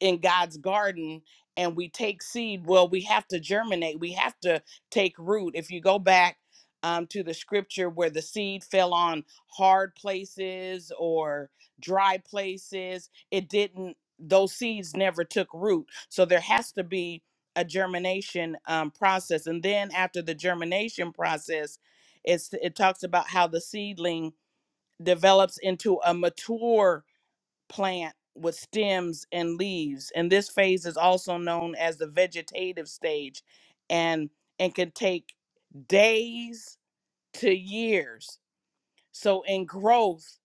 in God's garden and we take seed, well, we have to germinate, we have to take root. If you go back um, to the scripture where the seed fell on hard places or dry places, it didn't, those seeds never took root. So there has to be a germination um, process. And then after the germination process, it's, it talks about how the seedling develops into a mature plant with stems and leaves, and this phase is also known as the vegetative stage, and and can take days to years. So in growth,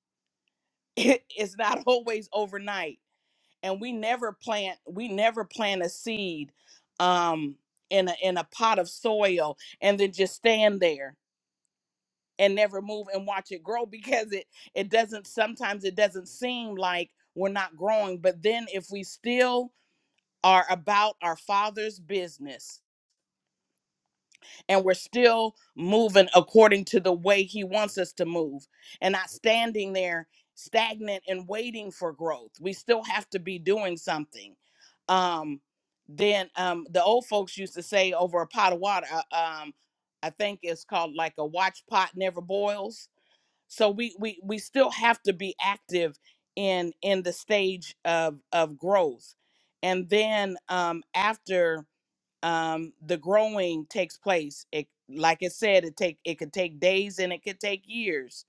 it is not always overnight, and we never plant we never plant a seed um, in a in a pot of soil and then just stand there and never move and watch it grow because it it doesn't sometimes it doesn't seem like we're not growing but then if we still are about our Father's business, and we're still moving according to the way He wants us to move and not standing there stagnant and waiting for growth. We still have to be doing something. Um, then um, the old folks used to say over a pot of water, uh, um, I think it's called like a watch pot never boils. So we we we still have to be active in in the stage of of growth. And then um, after um, the growing takes place. It, like it said, it take it could take days and it could take years.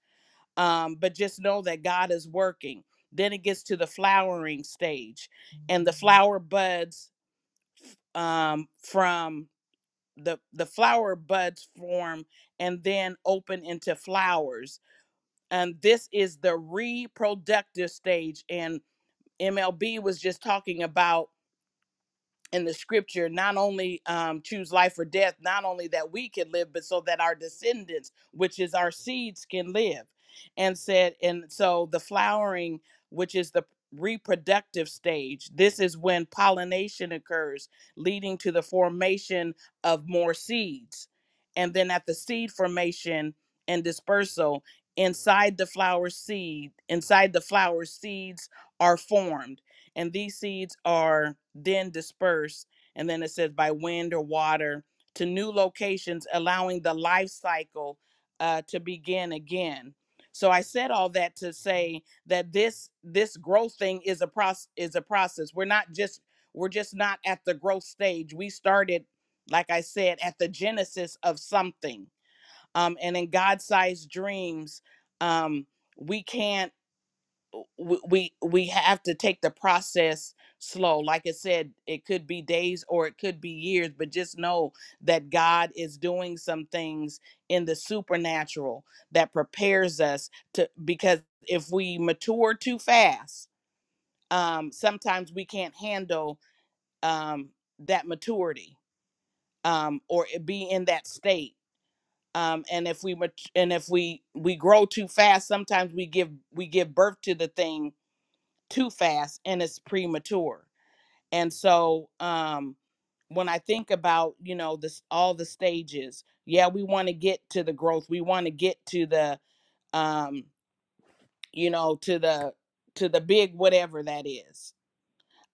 Um, but just know that God is working. Then it gets to the flowering stage, and the flower buds um, from the the flower buds form and then open into flowers. And this is the reproductive stage. And MLB was just talking about in the scripture not only um, choose life or death, not only that we can live, but so that our descendants, which is our seeds, can live. And said, and so the flowering, which is the reproductive stage, this is when pollination occurs, leading to the formation of more seeds. And then at the seed formation and dispersal, inside the flower seed, inside the flower, seeds are formed. And these seeds are then disperse. And then it says by wind or water to new locations, allowing the life cycle uh, to begin again. So I said all that to say that this this growth thing is a process is a process. We're not just we're just not at the growth stage. We started, like I said, at the genesis of something. Um, and in God-sized dreams, um, we can't w- we we have to take the process slow like i said it could be days or it could be years but just know that god is doing some things in the supernatural that prepares us to because if we mature too fast um sometimes we can't handle um that maturity um or it be in that state um and if we mat- and if we we grow too fast sometimes we give we give birth to the thing too fast and it's premature. And so um when I think about, you know, this all the stages, yeah, we want to get to the growth. We want to get to the um, you know, to the to the big whatever that is.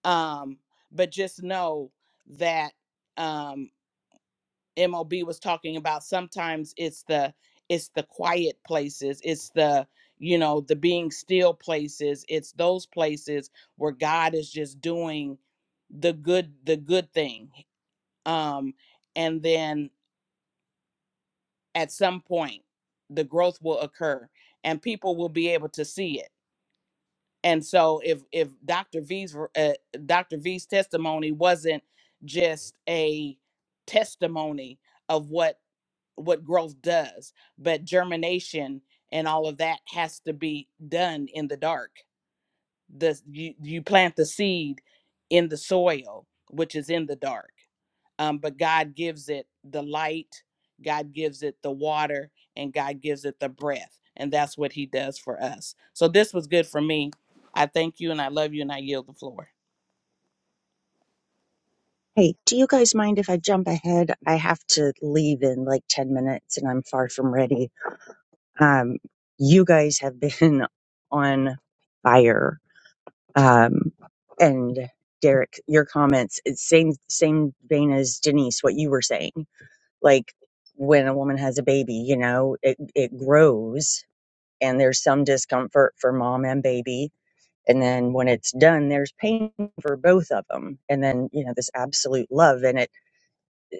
Um, but just know that um MOB was talking about sometimes it's the it's the quiet places, it's the you know, the being still places, it's those places where God is just doing the good the good thing. Um and then at some point the growth will occur and people will be able to see it. And so if if Dr. V's uh, Dr. V's testimony wasn't just a testimony of what what growth does but germination and all of that has to be done in the dark the you, you plant the seed in the soil which is in the dark um, but god gives it the light god gives it the water and god gives it the breath and that's what he does for us so this was good for me i thank you and i love you and i yield the floor Hey, do you guys mind if I jump ahead? I have to leave in like 10 minutes and I'm far from ready. Um, you guys have been on fire. Um, and Derek, your comments, it's same, same vein as Denise, what you were saying. Like when a woman has a baby, you know, it, it grows and there's some discomfort for mom and baby. And then when it's done, there's pain for both of them. And then, you know, this absolute love and it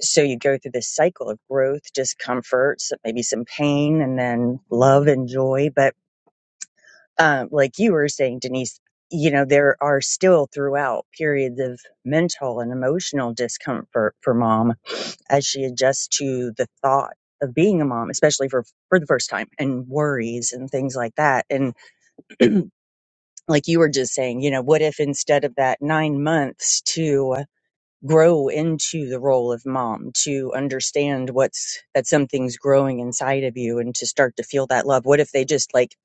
so you go through this cycle of growth, discomfort, so- maybe some pain, and then love and joy. But um, like you were saying, Denise, you know, there are still throughout periods of mental and emotional discomfort for mom as she adjusts to the thought of being a mom, especially for, for the first time and worries and things like that. And like you were just saying, you know, what if instead of that nine months to grow into the role of mom to understand what's that something's growing inside of you and to start to feel that love what if they just like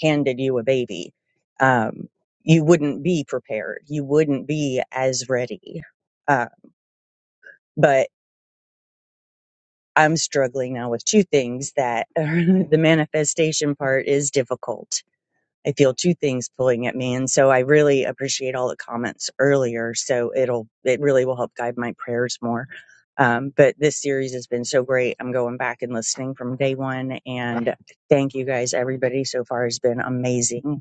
handed you a baby um you wouldn't be prepared you wouldn't be as ready uh but i'm struggling now with two things that the manifestation part is difficult I feel two things pulling at me. And so I really appreciate all the comments earlier. So it'll, it really will help guide my prayers more. Um, but this series has been so great. I'm going back and and listening from day one, And thank you guys, everybody. So far has been amazing.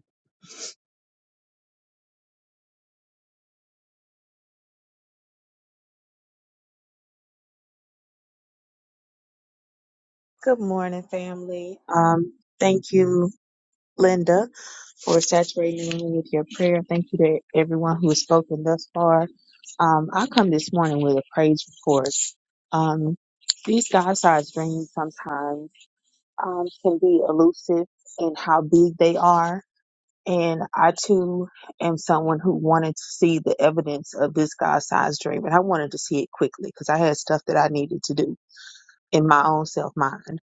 Good morning, family. Um, thank you, Linda, for saturating me with your prayer. Thank you to everyone who has spoken thus far. Um, I come this morning with a praise report. Um, these God-sized dreams sometimes um, can be elusive in how big they are. And I too am someone who wanted to see the evidence of this God-sized dream, and I wanted to see it quickly because I had stuff that I needed to do in my own self mind.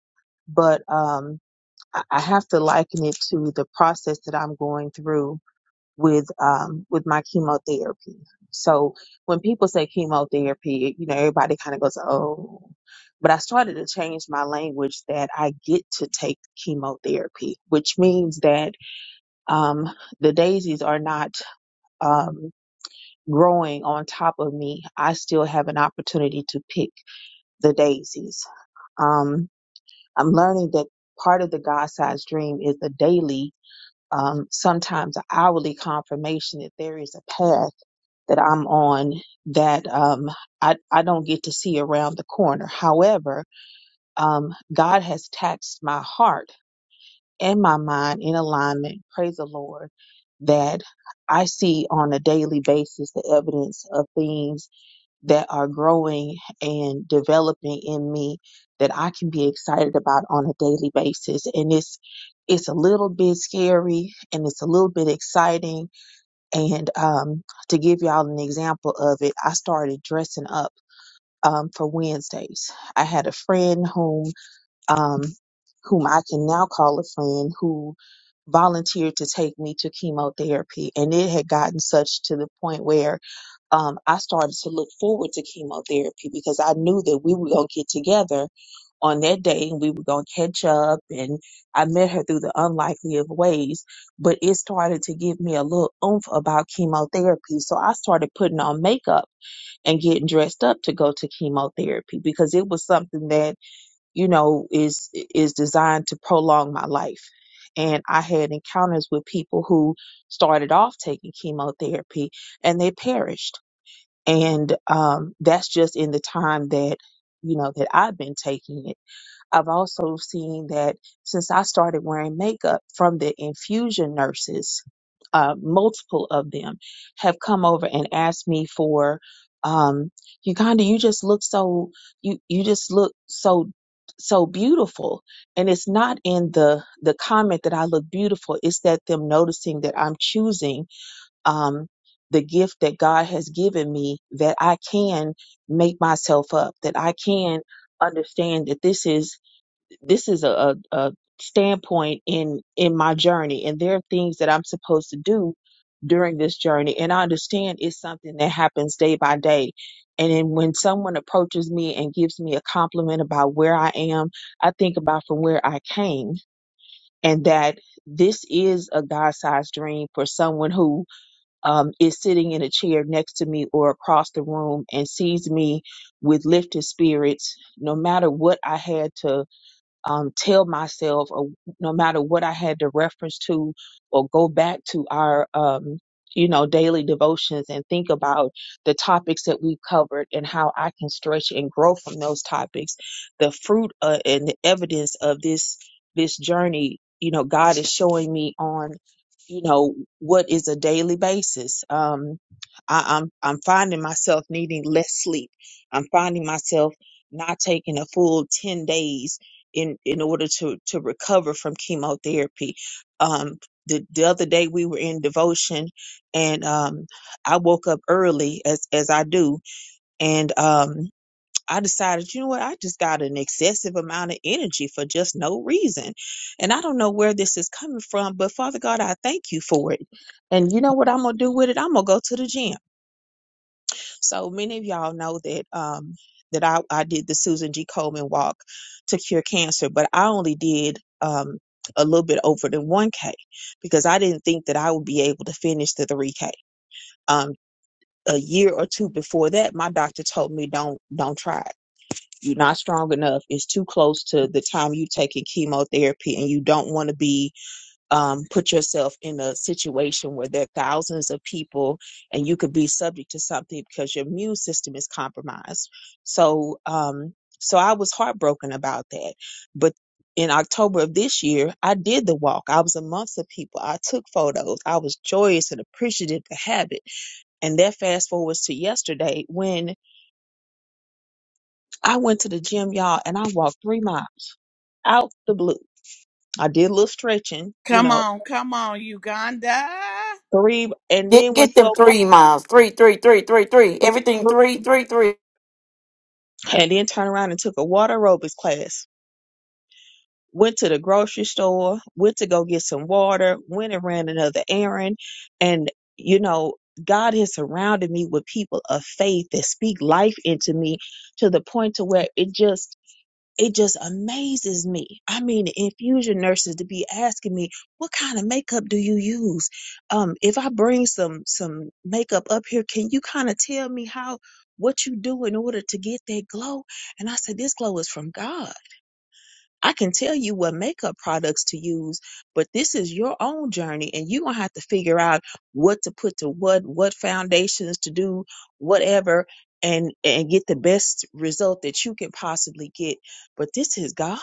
But um, I I have to liken it to the process that I'm going through with um with my chemotherapy. So when people say chemotherapy, you know, everybody kind of goes, "Oh." But I started to change my language that I get to take chemotherapy, which means that um the daisies are not um growing on top of me. I still have an opportunity to pick the daisies. Um I'm learning that part of the God-sized dream is the daily um, sometimes an hourly confirmation that there is a path that I'm on that um, I, I don't get to see around the corner. However, um, God has taxed my heart and my mind in alignment, praise the Lord, that I see on a daily basis the evidence of things that are growing and developing in me that I can be excited about on a daily basis. And it's it's a little bit scary and it's a little bit exciting. And um, to give y'all an example of it, I started dressing up um, for Wednesdays. I had a friend whom um, whom I can now call a friend, who volunteered to take me to chemotherapy. And it had gotten such to the point where um, I started to look forward to chemotherapy because I knew that we were going to get together on that day and we were going to catch up. And I met her through the unlikely of ways, but it started to give me a little oomph about chemotherapy. So I started putting on makeup and getting dressed up to go to chemotherapy because it was something that you know, is is designed to prolong my life. And I had encounters with people who started off taking chemotherapy and they perished. And um, that's just in the time that you know that I've been taking it. I've also seen that since I started wearing makeup from the infusion nurses, uh, multiple of them have come over and asked me for, um, Uganda, you just look so, you, you just look so, so beautiful. And it's not in the, the comment that I look beautiful. It's that them noticing that I'm choosing, um, the gift that God has given me that I can make myself up, that I can understand that this is this is a, a, a standpoint in in my journey and there are things that i'm supposed to do during this journey and i understand it's something that happens day by day and then when someone approaches me and gives me a compliment about where i am i think about from where i came and that this is a god-sized dream for someone who um, is sitting in a chair next to me or across the room and sees me with lifted spirits no matter what i had to um, tell myself, or no matter what I had to reference to or go back to our, um, you know, daily devotions and think about the topics that we've covered and how I can stretch and grow from those topics. The fruit uh, and the evidence of this this journey, you know, God is showing me on, you know, what is a daily basis. Um, I, I'm I'm finding myself needing less sleep. I'm finding myself not taking a full 10 days in in order to to recover from chemotherapy. Um, the the other day we were in devotion, and um, I woke up early as as I do, and um. I decided, you know what, I just got an excessive amount of energy for just no reason. And I don't know where this is coming from, but Father God, I thank you for it. And you know what I'm going to do with it? I'm going to go to the gym so many of y'all know that um, that I, I did the Susan G. Komen walk to cure cancer, but I only did um, a little bit over than 1K because I didn't think that I would be able to finish the 3K. Um, a year or two before that, my doctor told me don't don't try it. You're not strong enough. It's too close to the time you taking chemotherapy, and you don't want to be um, put yourself in a situation where there are thousands of people and you could be subject to something because your immune system is compromised. So, um, so I was heartbroken about that. But in October of this year, I did the walk. I was amongst the people. I took photos. I was joyous and appreciative to have it. And that fast forwards to yesterday when I went to the gym, y'all, and I walked three miles out the blue. I did a little stretching, you Come know, on, come on, Uganda. three, and Get then went get to them three a miles. Three, three, three, three, three. walk. Everything three, three, three. and then turned around and took a water aerobics class. Went to the grocery store, went to go get some water, went and ran another errand. And, you know, God has surrounded me with people of faith that speak life into me to the point to where it just it just amazes me. I mean, the infusion nurses to be asking me, "What kind of makeup do you use?" Um, if I bring some some makeup up here, can you kind of tell me how what you do in order to get that glow? And I said, "This glow is from God." I can tell you what makeup products to use, but this is your own journey and you're going to have to figure out what to put to what, what foundations to do, whatever, and, and get the best result that you can possibly get. But this is God.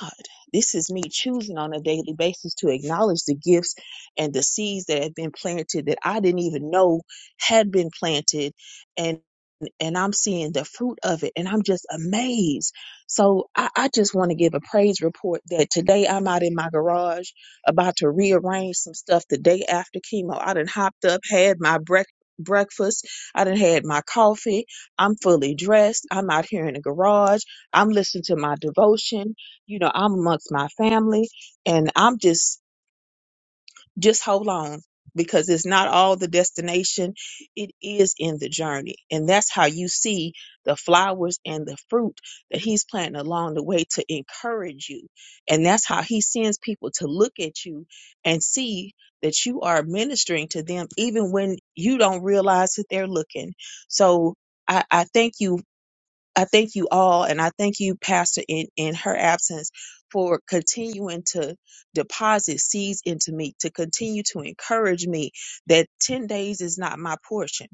This is me choosing on a daily basis to acknowledge the gifts and the seeds that have been planted that I didn't even know had been planted and I'm seeing the fruit of it and I'm just amazed. So I, I just want to give a praise report that today I'm out in my garage about to rearrange some stuff the day after chemo. I done hopped up, had my breakfast. Breakfast. I done had my coffee. I'm fully dressed. I'm out here in the garage. I'm listening to my devotion. You know, I'm amongst my family, and I'm just just hold on because it's not all the destination it is in the journey and that's how you see the flowers and the fruit that he's planting along the way to encourage you and that's how he sends people to look at you and see that you are ministering to them even when you don't realize that they're looking so i, I thank you I thank you all, and I thank you, Pastor, in, in her absence, for continuing to deposit seeds into me, to continue to encourage me that 10 days is not my portion.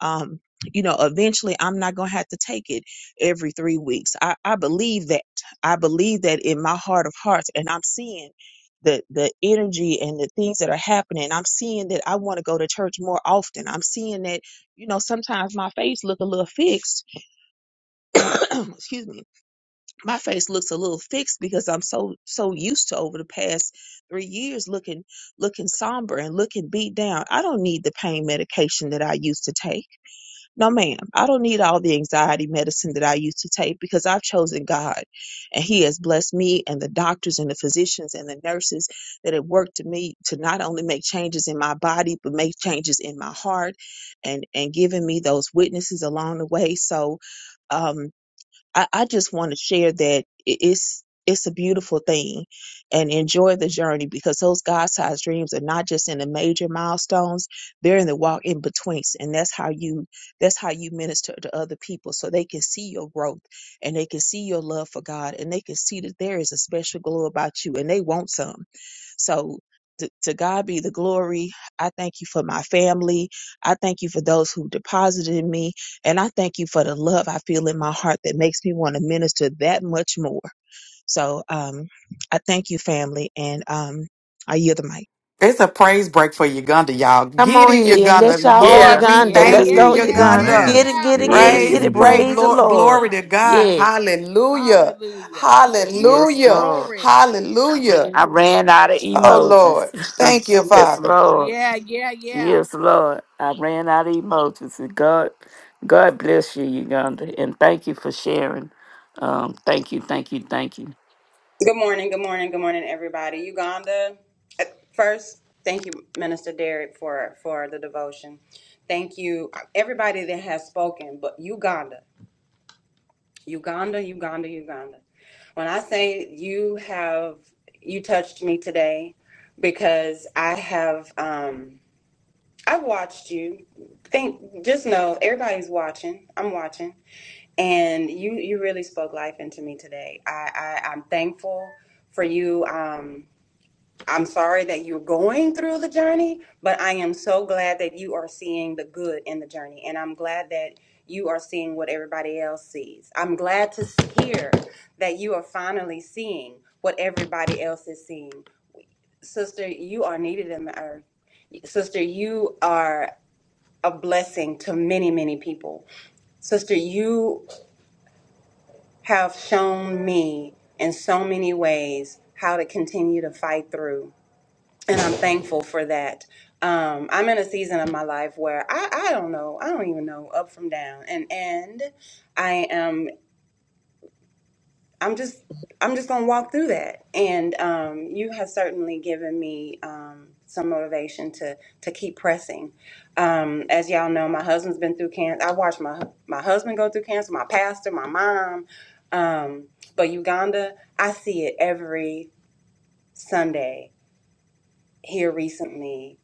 Um, you know, eventually I'm not going to have to take it every three weeks. I, I believe that. I believe that in my heart of hearts, and I'm seeing the, the energy and the things that are happening. I'm seeing that I want to go to church more often. I'm seeing that, you know, sometimes my face look a little fixed excuse me, my face looks a little fixed because I'm so so used to over the past three years looking looking somber and looking beat down. I don't need the pain medication that I used to take. No ma'am. I don't need all the anxiety medicine that I used to take because I've chosen God and He has blessed me and the doctors and the physicians and the nurses that have worked to me to not only make changes in my body but make changes in my heart and and giving me those witnesses along the way. So um I, I just want to share that i- it's it's a beautiful thing and enjoy the journey because those God sized dreams are not just in the major milestones, they're in the walk in betweens. And that's how you that's how you minister to other people so they can see your growth and they can see your love for God and they can see that there is a special glow about you and they want some. So to, to God be the glory. I thank you for my family. I thank you for those who deposited in me. And I thank you for the love I feel in my heart that makes me want to minister that much more. So um, I thank you, family, and um, I yield the mic. It's a praise break for Uganda, y'all. Come Get on it, here. Uganda. Let's shout for yeah Lord, we Uganda. Yeah, it thank Let's you, yeah, go, is yeah, yeah, Uganda. Uganda. Get Amen. it, yeah. get it, get it, Yes, get yeah Praise it. break, indeed. Praise the Come Lord. Glory Lord. on. to God. Yeah. Hallelujah. Hallelujah. yes Hallelujah. lord Glory. Hallelujah. i ran out of Oh, emojis Lord. Thank you, yes Father. lord Yeah, yeah, yeah. Yes, Lord. I ran out of emojis. And God, God bless you, Uganda, and thank you for sharing. Um, thank you, thank you, thank you, Good morning, good morning, good morning, everybody. Uganda, uh, first, thank you, Minister Derek, for for the devotion. Thank you, uh, everybody that has spoken, but Uganda, Uganda, Uganda, Uganda. When I say you have, you touched me today because I have. Um, I watched you. Think just know everybody's watching. I'm watching. and you you really spoke life into me today. I, I I'm thankful for you. Um, I'm sorry that you're going through the journey, but I am so glad that you are seeing the good in the journey, and I'm glad that you are seeing what everybody else sees. I'm glad to hear that you are finally seeing what everybody else is seeing. Sister, you are needed in the earth. Sister, you are a blessing to many, many people. Sister, you have shown me in so many ways how to continue to fight through, and I'm thankful for that. Um, I'm in a season of my life where I, I don't know, I don't even know up from down, and and I am. I'm just I'm just gonna walk through that. And um, you have certainly given me um, some motivation to to keep pressing. Um, as y'all know, my husband's been through cancer. I watched my my husband go through cancer. My pastor, my mom. Um, but Uganda, I see it every Sunday here recently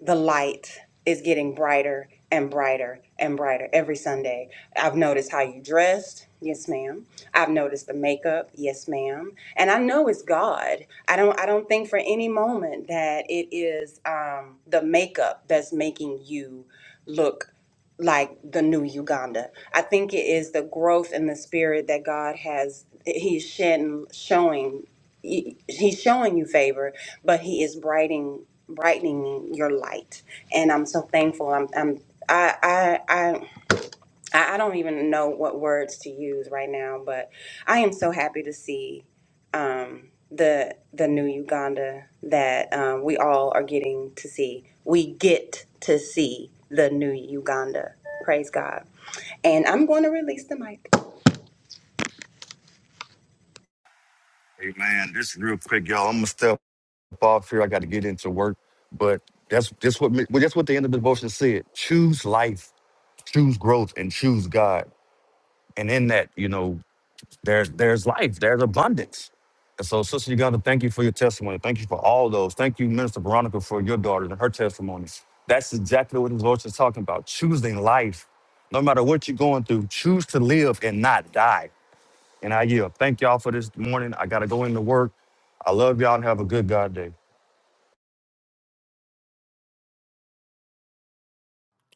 the light is getting brighter and brighter and brighter every Sunday. I've noticed how you dressed. Yes, ma'am. I've noticed the makeup. Yes, ma'am. And I know it's God. I don't I don't think for any moment that it is um, the makeup that's making you look like the new Uganda. I think it is the growth in the spirit that God has he's shedding, showing he- he's showing you favor but he is brightening brightening your light and i'm so thankful i'm i'm I, I I I don't even know what words to use right now, but I am so happy to see um, the the new Uganda that um, we all are getting to see. We get to see the new Uganda. Praise God! And I'm going to release the mic. Amen. Just real quick, y'all. I'm gonna step off here. I got to get into work, but that's that's what well, that's what the end of the devotion said. Choose life, choose growth, and choose God. And in that, you know. There's there's life. There's abundance. And so, Sister Uganda, thank you for your testimony. Thank you for all those. Thank you, Minister Veronica, for your daughter and her testimony. That's exactly what the Lord is talking about. Choosing life. No matter what you're going through, choose to live and not die. And I yield. Thank y'all for this morning. I gotta go into work. I love y'all and have a good God day.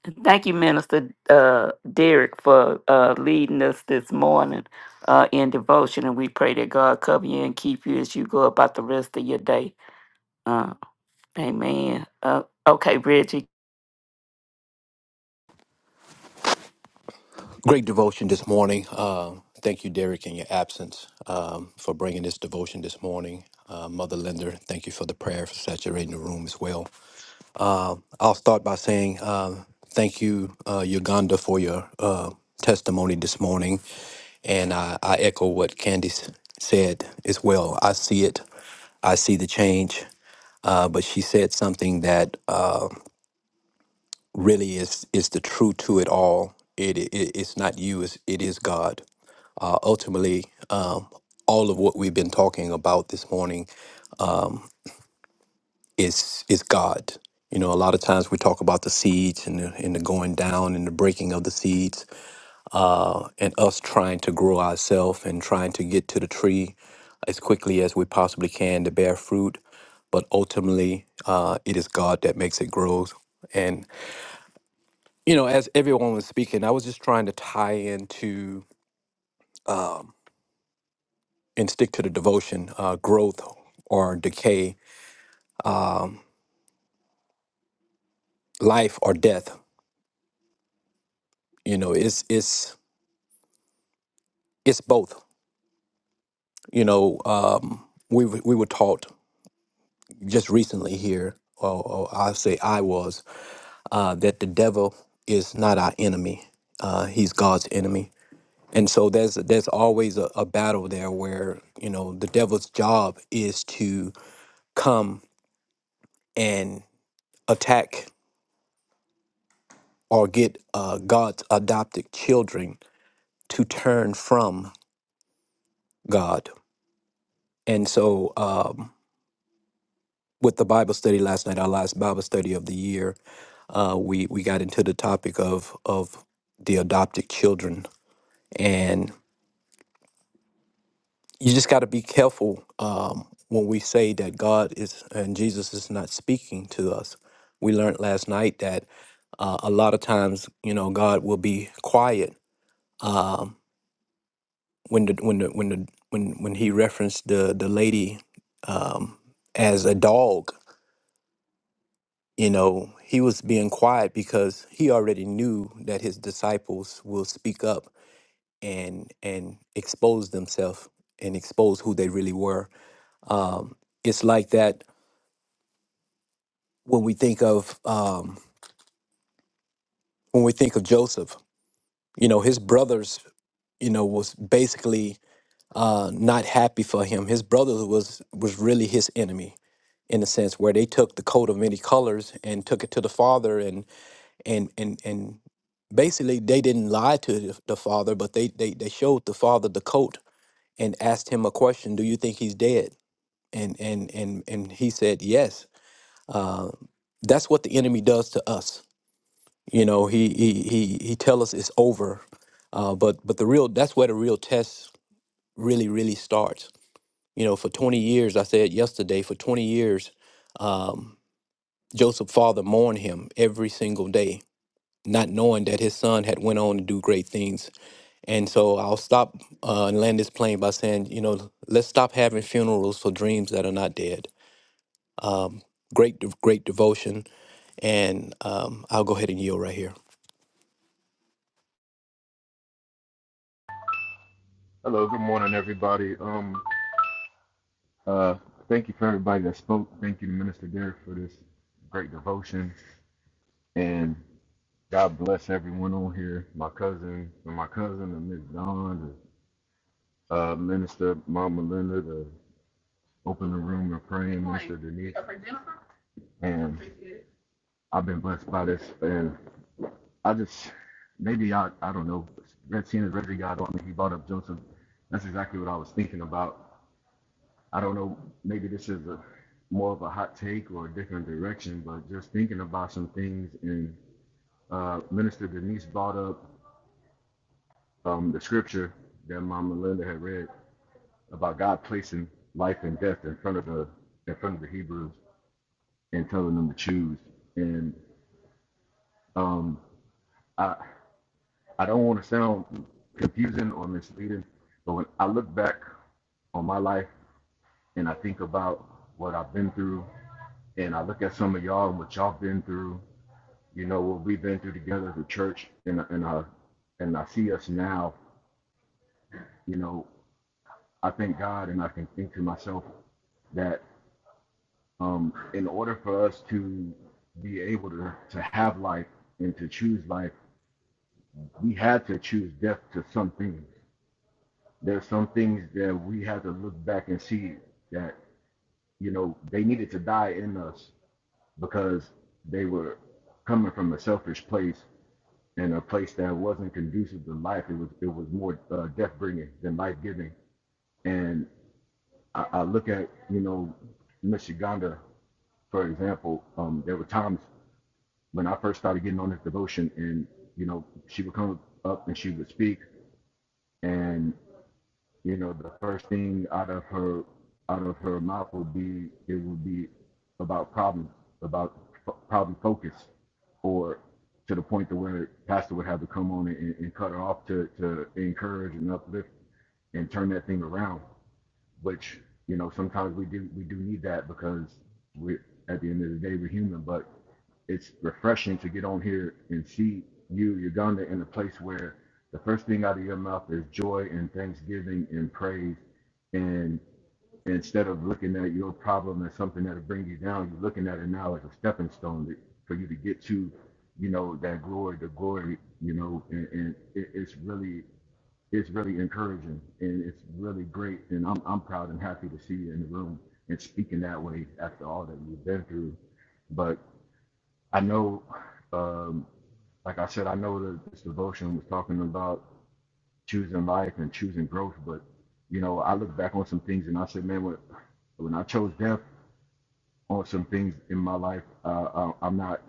And thank you, Minister uh, Derek, for uh, leading us this morning uh, in devotion. And we pray that God cover you and keep you as you go about the rest of your day. Uh, amen. Uh, okay, Reggie. Great devotion this morning. Uh, thank you, Derek, in your absence, um, for bringing this devotion this morning. Uh, Mother Linder, thank you for the prayer for saturating the room as well. I'll start by saying um thank you, uh, Uganda, for your uh, testimony this morning. And I, I echo what Candice said as well. I see it, I see the change. Uh, but she said something that uh, really is is the truth to it all. It, it it's not you. It's, it is God. Uh, ultimately, um, all of what we've been talking about this morning is is God. You know, a lot of times we talk about the seeds and the, and the going down and the breaking of the seeds, uh, and us trying to grow ourselves and trying to get to the tree as quickly as we possibly can to bear fruit. But ultimately, uh, it is God that makes it grow. you know, as everyone was speaking, I was just trying to tie into um, and stick to the devotion, uh, growth or decay, um, life or death. You know, it's it's it's both. You know, um, we w- we were taught just recently here, or, or I say I was, uh, that the devil is not our enemy; uh, he's God's enemy. And so there's there's always a, a battle there where you know the devil's job is to come attack or get uh, God's adopted children to turn from God. And so, um, with the Bible study last night, our last Bible study of the year, uh, we we got into the topic of of the adopted children, and you just got to be careful um, when we say that God is and Jesus is not speaking to us. We learned last night that uh, a lot of times, you know, God will be quiet um, when the when the when the when when he referenced the the lady um, as a dog, you know, he was being quiet because he already knew that his disciples will speak up and and expose themselves and expose who they really were. Um, it's like that when we think of um, when we think of Joseph. You know, his brothers, you know, was basically uh, not happy for him. His brother was was really his enemy in a sense where they took the coat of many colors and took it to the father and and and and basically they didn't lie to the the father but they they, they showed the father the coat and asked him a question do you think he's dead and and and and he said yes uh, that's what the enemy does to us you know he he he, he tell us it's over uh, but but the real that's where the real test really really starts you know for 20 years i said yesterday for 20 years Joseph's father mourned him every single day, not knowing that his son had went on to do great things. And so I'll stop uh, and land this plane by saying, you know, let's stop having funerals for dreams that are not dead. Great, de- great devotion, and um, I'll go ahead and yield right here. Hello, good morning, everybody. Um, uh, thank you for everybody that spoke. Thank you to Minister Derek for this great devotion, and God bless everyone on here. My cousin, my cousin, and Miss Dawn, the, uh, Minister Mama Linda, to open the room and praying, Minister Denise, and I've been blessed by this, and I just maybe I I don't know. Red seeing as Reggie got on, me. he brought up Joseph. That's exactly what I was thinking about I don't know, maybe this is a more of a hot take or a different direction, but just thinking about some things and uh, Minister Denise brought up um, the scripture that Mama Linda had read about God placing life and death in front of the in front of the Hebrews and telling them to choose. And um, I I don't want to sound confusing or misleading, but when I look back on my life and I think about what I've been through and I look at some of y'all and what y'all been through You know what we've been through together as a church, and and uh, and I see us now. You know, I thank God, and I can think to myself that um, in order for us to be able to to have life and to choose life, we had to choose death to some things. There's some things that we had to look back and see that you know they needed to die in us because they were coming from a selfish place in a place that wasn't conducive to life. It was it was more uh, death bringing than life giving. And I, I look at you know Michiganda, for example. Um, there were times when I first started getting on this devotion, and you know she would come up and she would speak, and. you know, the first thing out of her out of her mouth would be it would be about problems, about f- problem focus, or to the point to where pastor would have to come on and, and cut her off to to encourage and uplift and turn that thing around which you know sometimes we do we do need that because we at the end of the day we're human but it's refreshing to get on here and see you uganda in a place where the first thing out of your mouth is joy and thanksgiving and praise and instead of looking at your problem as something that'll bring you down you're looking at it now as a stepping stone that, for you to get to you know that glory the glory you know and, and it, it's really it's really encouraging and it's really great. And I'm, I'm proud and happy to see you in the room and speaking that way after all that you've been through. But I know, um, like I said, I know that this devotion was talking about choosing life and choosing growth. But, you know, I look back on some things and I said, man, when, when I chose death on some things in my life, uh, I, I'm not.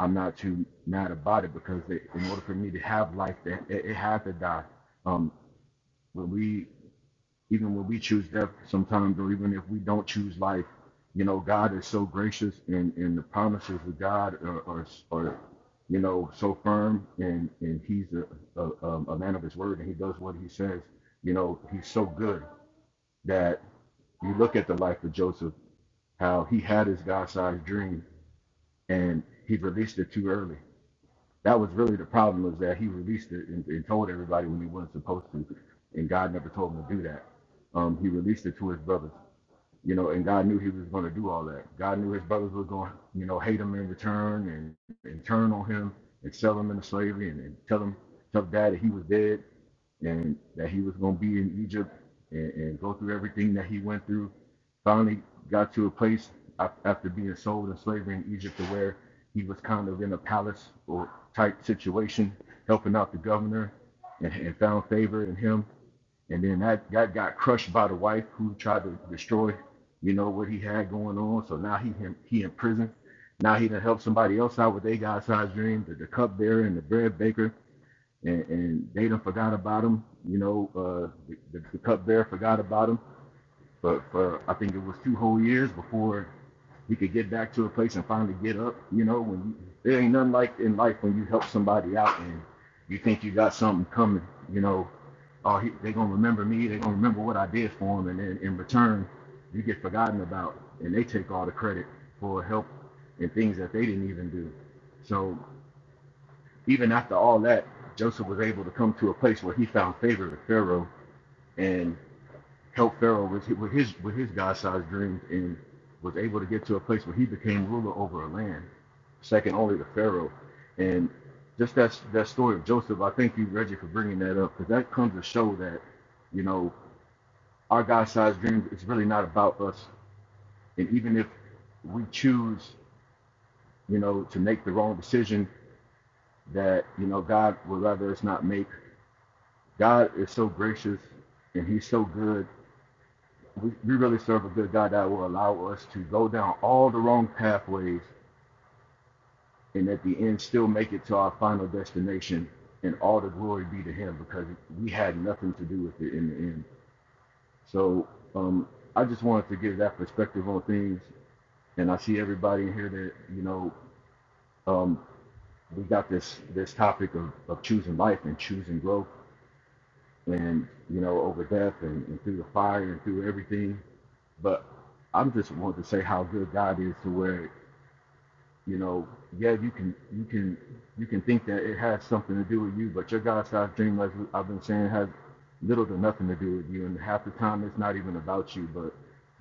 I'm not too mad about it because they, in order for me to have life, it, it, had to die. Um, when we even when we choose death sometimes, or even if we don't choose life, you know, God is so gracious and, and the promises of God are, are, are you know, so firm and, and he's a, a, um, a man of his word and he does what he says. You know, he's so good that you look at the life of Joseph, how he had his God-sized dream and he released it too early. That was really the problem was that he released it and, and told everybody when he wasn't supposed to, and God never told him to do that. Um, he released it to his brothers. You know, and God knew he was going to do all that. God knew his brothers were going to, you know, hate him in return and, and turn on him and sell him into slavery and, and tell him, tell dad that he was dead and that he was going to be in Egypt and, and go through everything that he went through. Finally, got to a place after being sold in slavery in Egypt to where he was kind of in a palace or type situation, helping out the governor, and, and found favor in him. And then that, that got crushed by the wife who tried to destroy, you know, what he had going on. So now he in- he in prison. Now he done helped somebody else out with their God sized dream, the, the cupbearer and the bread baker, and, and they done forgot about him. You know, uh, the, the, the cupbearer forgot about him. But for I think it was two whole years before you could get back to a place and finally get up. You know, when you, there ain't nothing like in life when you help somebody out and you think you got something coming. You know, oh, he, they gonna remember me. They gonna remember what I did for them, and then in return, you get forgotten about, and they take all the credit for help and things that they didn't even do. So even after all that, Joseph was able to come to a place where he found favor with Pharaoh, and helped Pharaoh with his, with his with his God-sized dreams and was able to get to a place where he became ruler over a land, second only to Pharaoh. And just that that story of Joseph, I thank you, Reggie, for bringing that up because that comes to show that you know our God-sized dreams. It's really not about us, and even if we choose, you know, to make the wrong decision, that you know God would rather us not make. God is so gracious and He's so good we, we really serve a good God that will allow us to go down all the wrong pathways and at the end still make it to our final destination and all the glory be to him because we had nothing to do with it in the end. So um, I just wanted to give that perspective on things. And I see everybody in here that, you know, um, we got this this topic of, of choosing life and choosing growth and, you know, over death and, and through the fire and through everything. But I'm just wanted to say how good God is to where You know, yeah, you can you can you can think that it has something to do with you, but your God sized dream, like I've been saying, has little to nothing to do with you. And half the time it's not even about you, but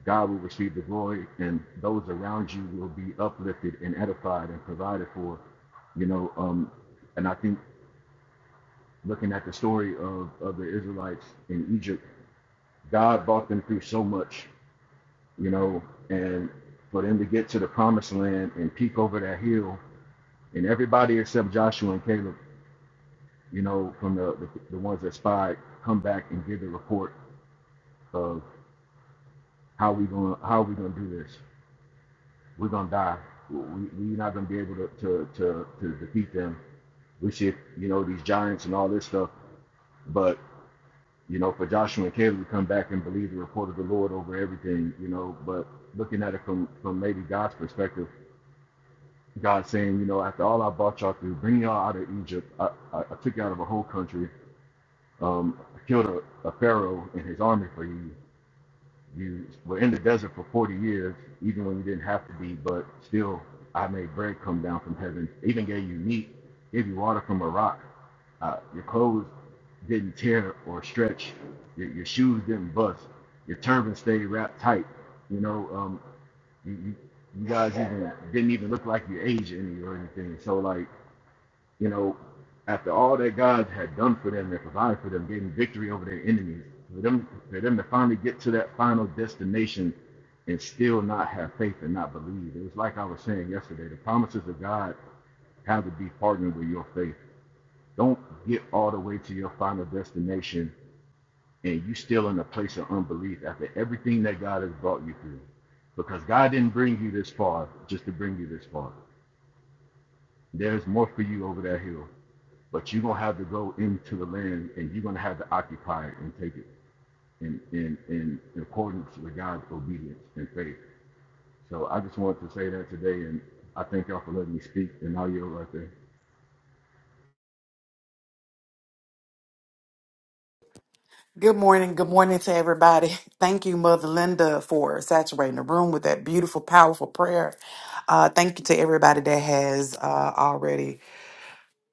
God will receive the glory and those around you will be uplifted and edified and provided for. You know, um, and I think looking at the story of, of the Israelites in Egypt, God brought them through so much, you know, and for them to get to the promised land and peek over that hill and everybody except Joshua and Caleb, you know, from the the, the ones that spied, come back and give the report of how we going to how we gonna do this. We're gonna die. We, we're not gonna be able to, to to to defeat them. We should, you know, these giants and all this stuff. But you know, for Joshua and Caleb to come back and believe the report of the Lord over everything, you know, but looking at it from from maybe God's perspective, God saying, you know, after all I brought y'all through, bring y'all out of Egypt, I, I, I took you out of a whole country, um, killed a, a pharaoh and his army for you. You were in the desert for 40 years, even when you didn't have to be, but still, I made bread come down from heaven, even gave you meat, gave you water from a rock. Uh, your clothes didn't tear or stretch, your, your shoes didn't bust, your turban stayed wrapped tight. You know, um, you, you, you guys even didn't even look like you aged any or anything. So, like, you know, after all that God had done for them and provided for them, gave them victory over their enemies, for them for them to finally get to that final destination and still not have faith and not believe. It was like I was saying yesterday, the promises of God have to be partnered with your faith. Don't get all the way to your final destination and you still in a place of unbelief after everything that God has brought you through. Because God didn't bring you this far just to bring you this far. There's more for you over that hill. But you're gonna have to go into the land and you're gonna have to occupy it and take it in in in accordance with God's obedience and faith. So I just wanted to say that today and I thank y'all for letting me speak and all you right there. Good morning. Good morning to everybody. Thank you, Mother Linda, for saturating the room with that beautiful, powerful prayer. Uh, thank you to everybody that has uh, already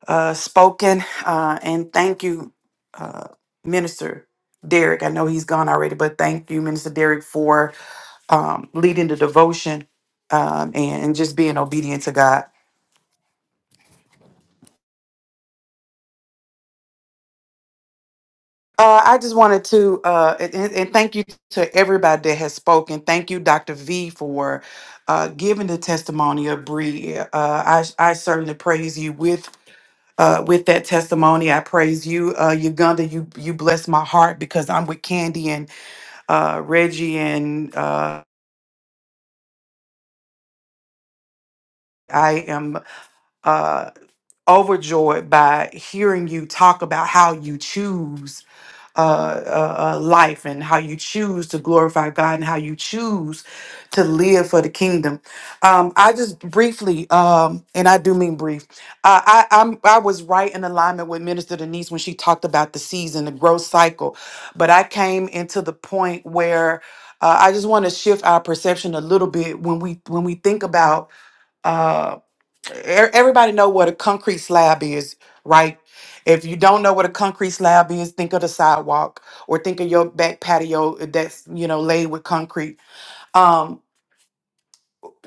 uh, spoken. Uh, and thank you, uh, Minister Derek. I know he's gone already, but thank you, Minister Derek, for um, leading the devotion um, and, and just being obedient to God. Uh, I just wanted to, uh, and, and and thank you to everybody that has spoken. Thank you, Dr. V, for uh, giving the testimony of Bree. Uh, I, I certainly praise you with uh, with that testimony. I praise you, uh, Uganda. You you bless my heart because I'm with Candy uh, Reggie, and uh, I am uh, overjoyed by hearing you talk about how you choose uh, uh, uh, life and how you choose to glorify God and how you choose to live for the kingdom. Um, I just briefly, um, and I do mean brief, uh, I, I'm, I was right in alignment with Minister Denise when she talked about the season, the growth cycle, but I came into the point where uh, I just want to shift our perception a little bit when we when we think about uh, e- everybody know what a concrete slab is, right? If you don't know what a concrete slab is, think of the sidewalk or think of your back patio that's, you know, laid with concrete. Um,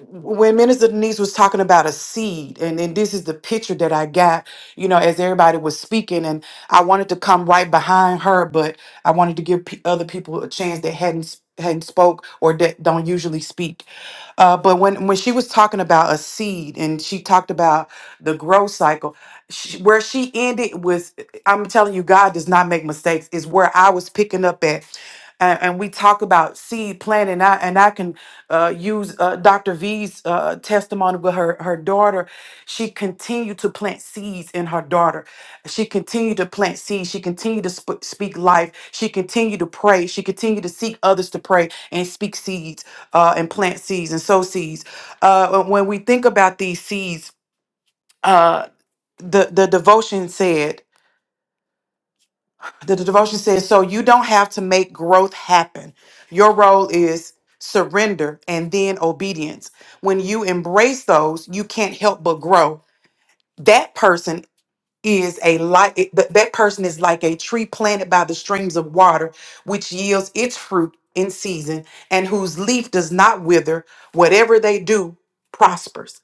when Minister Denise was talking about a seed, and, and this is the picture that I got, you know, as everybody was speaking, and I wanted to come right behind her, but I wanted to give pe other people a chance that hadn't s- hadn't spoke or that don't usually speak. Uh, but when when she was talking about a seed and she talked about the growth cycle, she, where she ended was, I'm telling you, God does not make mistakes. Is where I was picking up at and, and we talk about seed planting. I, and I can uh, use uh, Dr. V's uh, testimony with her her daughter. She continued to plant seeds in her daughter. She continued to plant seeds. She continued to sp- speak life. She continued to pray. She continued to seek others to pray and speak seeds uh, and plant seeds and sow seeds. Uh, when we think about these seeds, uh, the the devotion said the, the devotion says so you don't have to make growth happen your role is surrender and then obedience when you embrace those you can't help but grow that person is a like that that person is like a tree planted by the streams of water which yields its fruit in season and whose leaf does not wither whatever they do prospers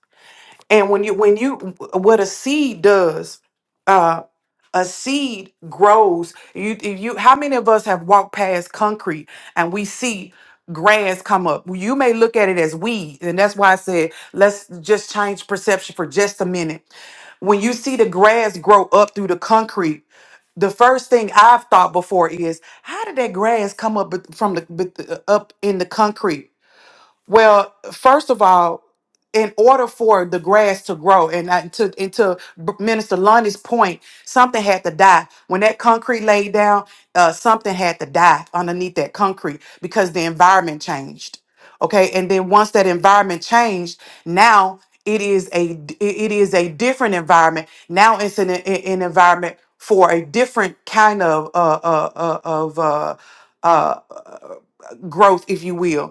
and when you when you what a seed does uh, a seed grows you if you how many of us have walked past concrete and we see grass come up you may look at it as weed and that's why i said let's just change perception for just a minute when you see the grass grow up through the concrete the first thing i've thought before is how did that grass come up with- from the with the- up in the concrete well, first of all, in order for the grass to grow, and I- to and to B- Minister Lundy's point, something had to die. When that concrete laid down, uh, something had to die underneath that concrete because the environment changed. Okay, and then once that environment changed, now it is a d- it it is a different environment. Now it's an, an an environment for a different kind of uh, uh, uh, of uh, uh, uh, growth, if you will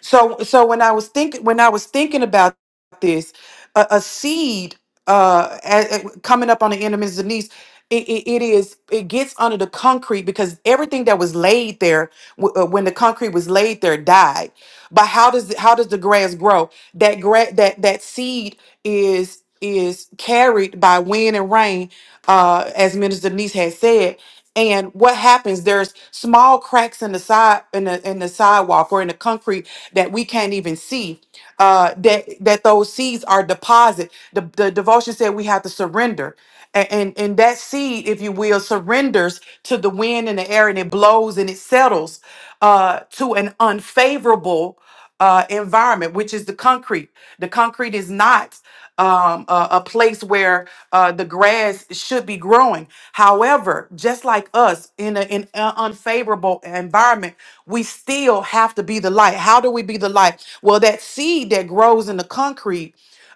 so so when I was thinking when I was thinking about this, a, a seed uh a- a- coming up on the end of Mrs. Denise, it, it, it is it gets under the concrete because everything that was laid there w- uh, when the concrete was laid there died. But how does how does the grass grow? That gra- that that seed is is carried by wind and rain, uh, as Minister Denise had said. And what happens? There's small cracks in the side in the in the sidewalk or in the concrete that we can't even see. Uh, that that those seeds are deposit. The, the devotion said we have to surrender, A- and and that seed, if you will, surrenders to the wind and the air, and it blows and it settles uh, to an unfavorable uh, environment, which is the concrete. The concrete is not um, a, a place where uh, the grass should be growing. However, just like us in an unfavorable environment, we still have to be the light. How do we be the light? Well, that seed that grows in the concrete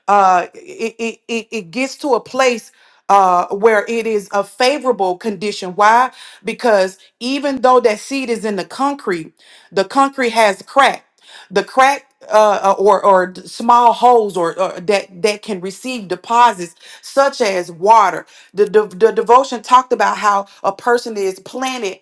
uh, it, it, it gets to a place uh, where it is a favorable condition. Why? Because even though that seed is in the concrete, the concrete has crack. The crack uh, uh, or or d- small holes or, or that that can receive deposits such as water. The, the the devotion talked about how a person is planted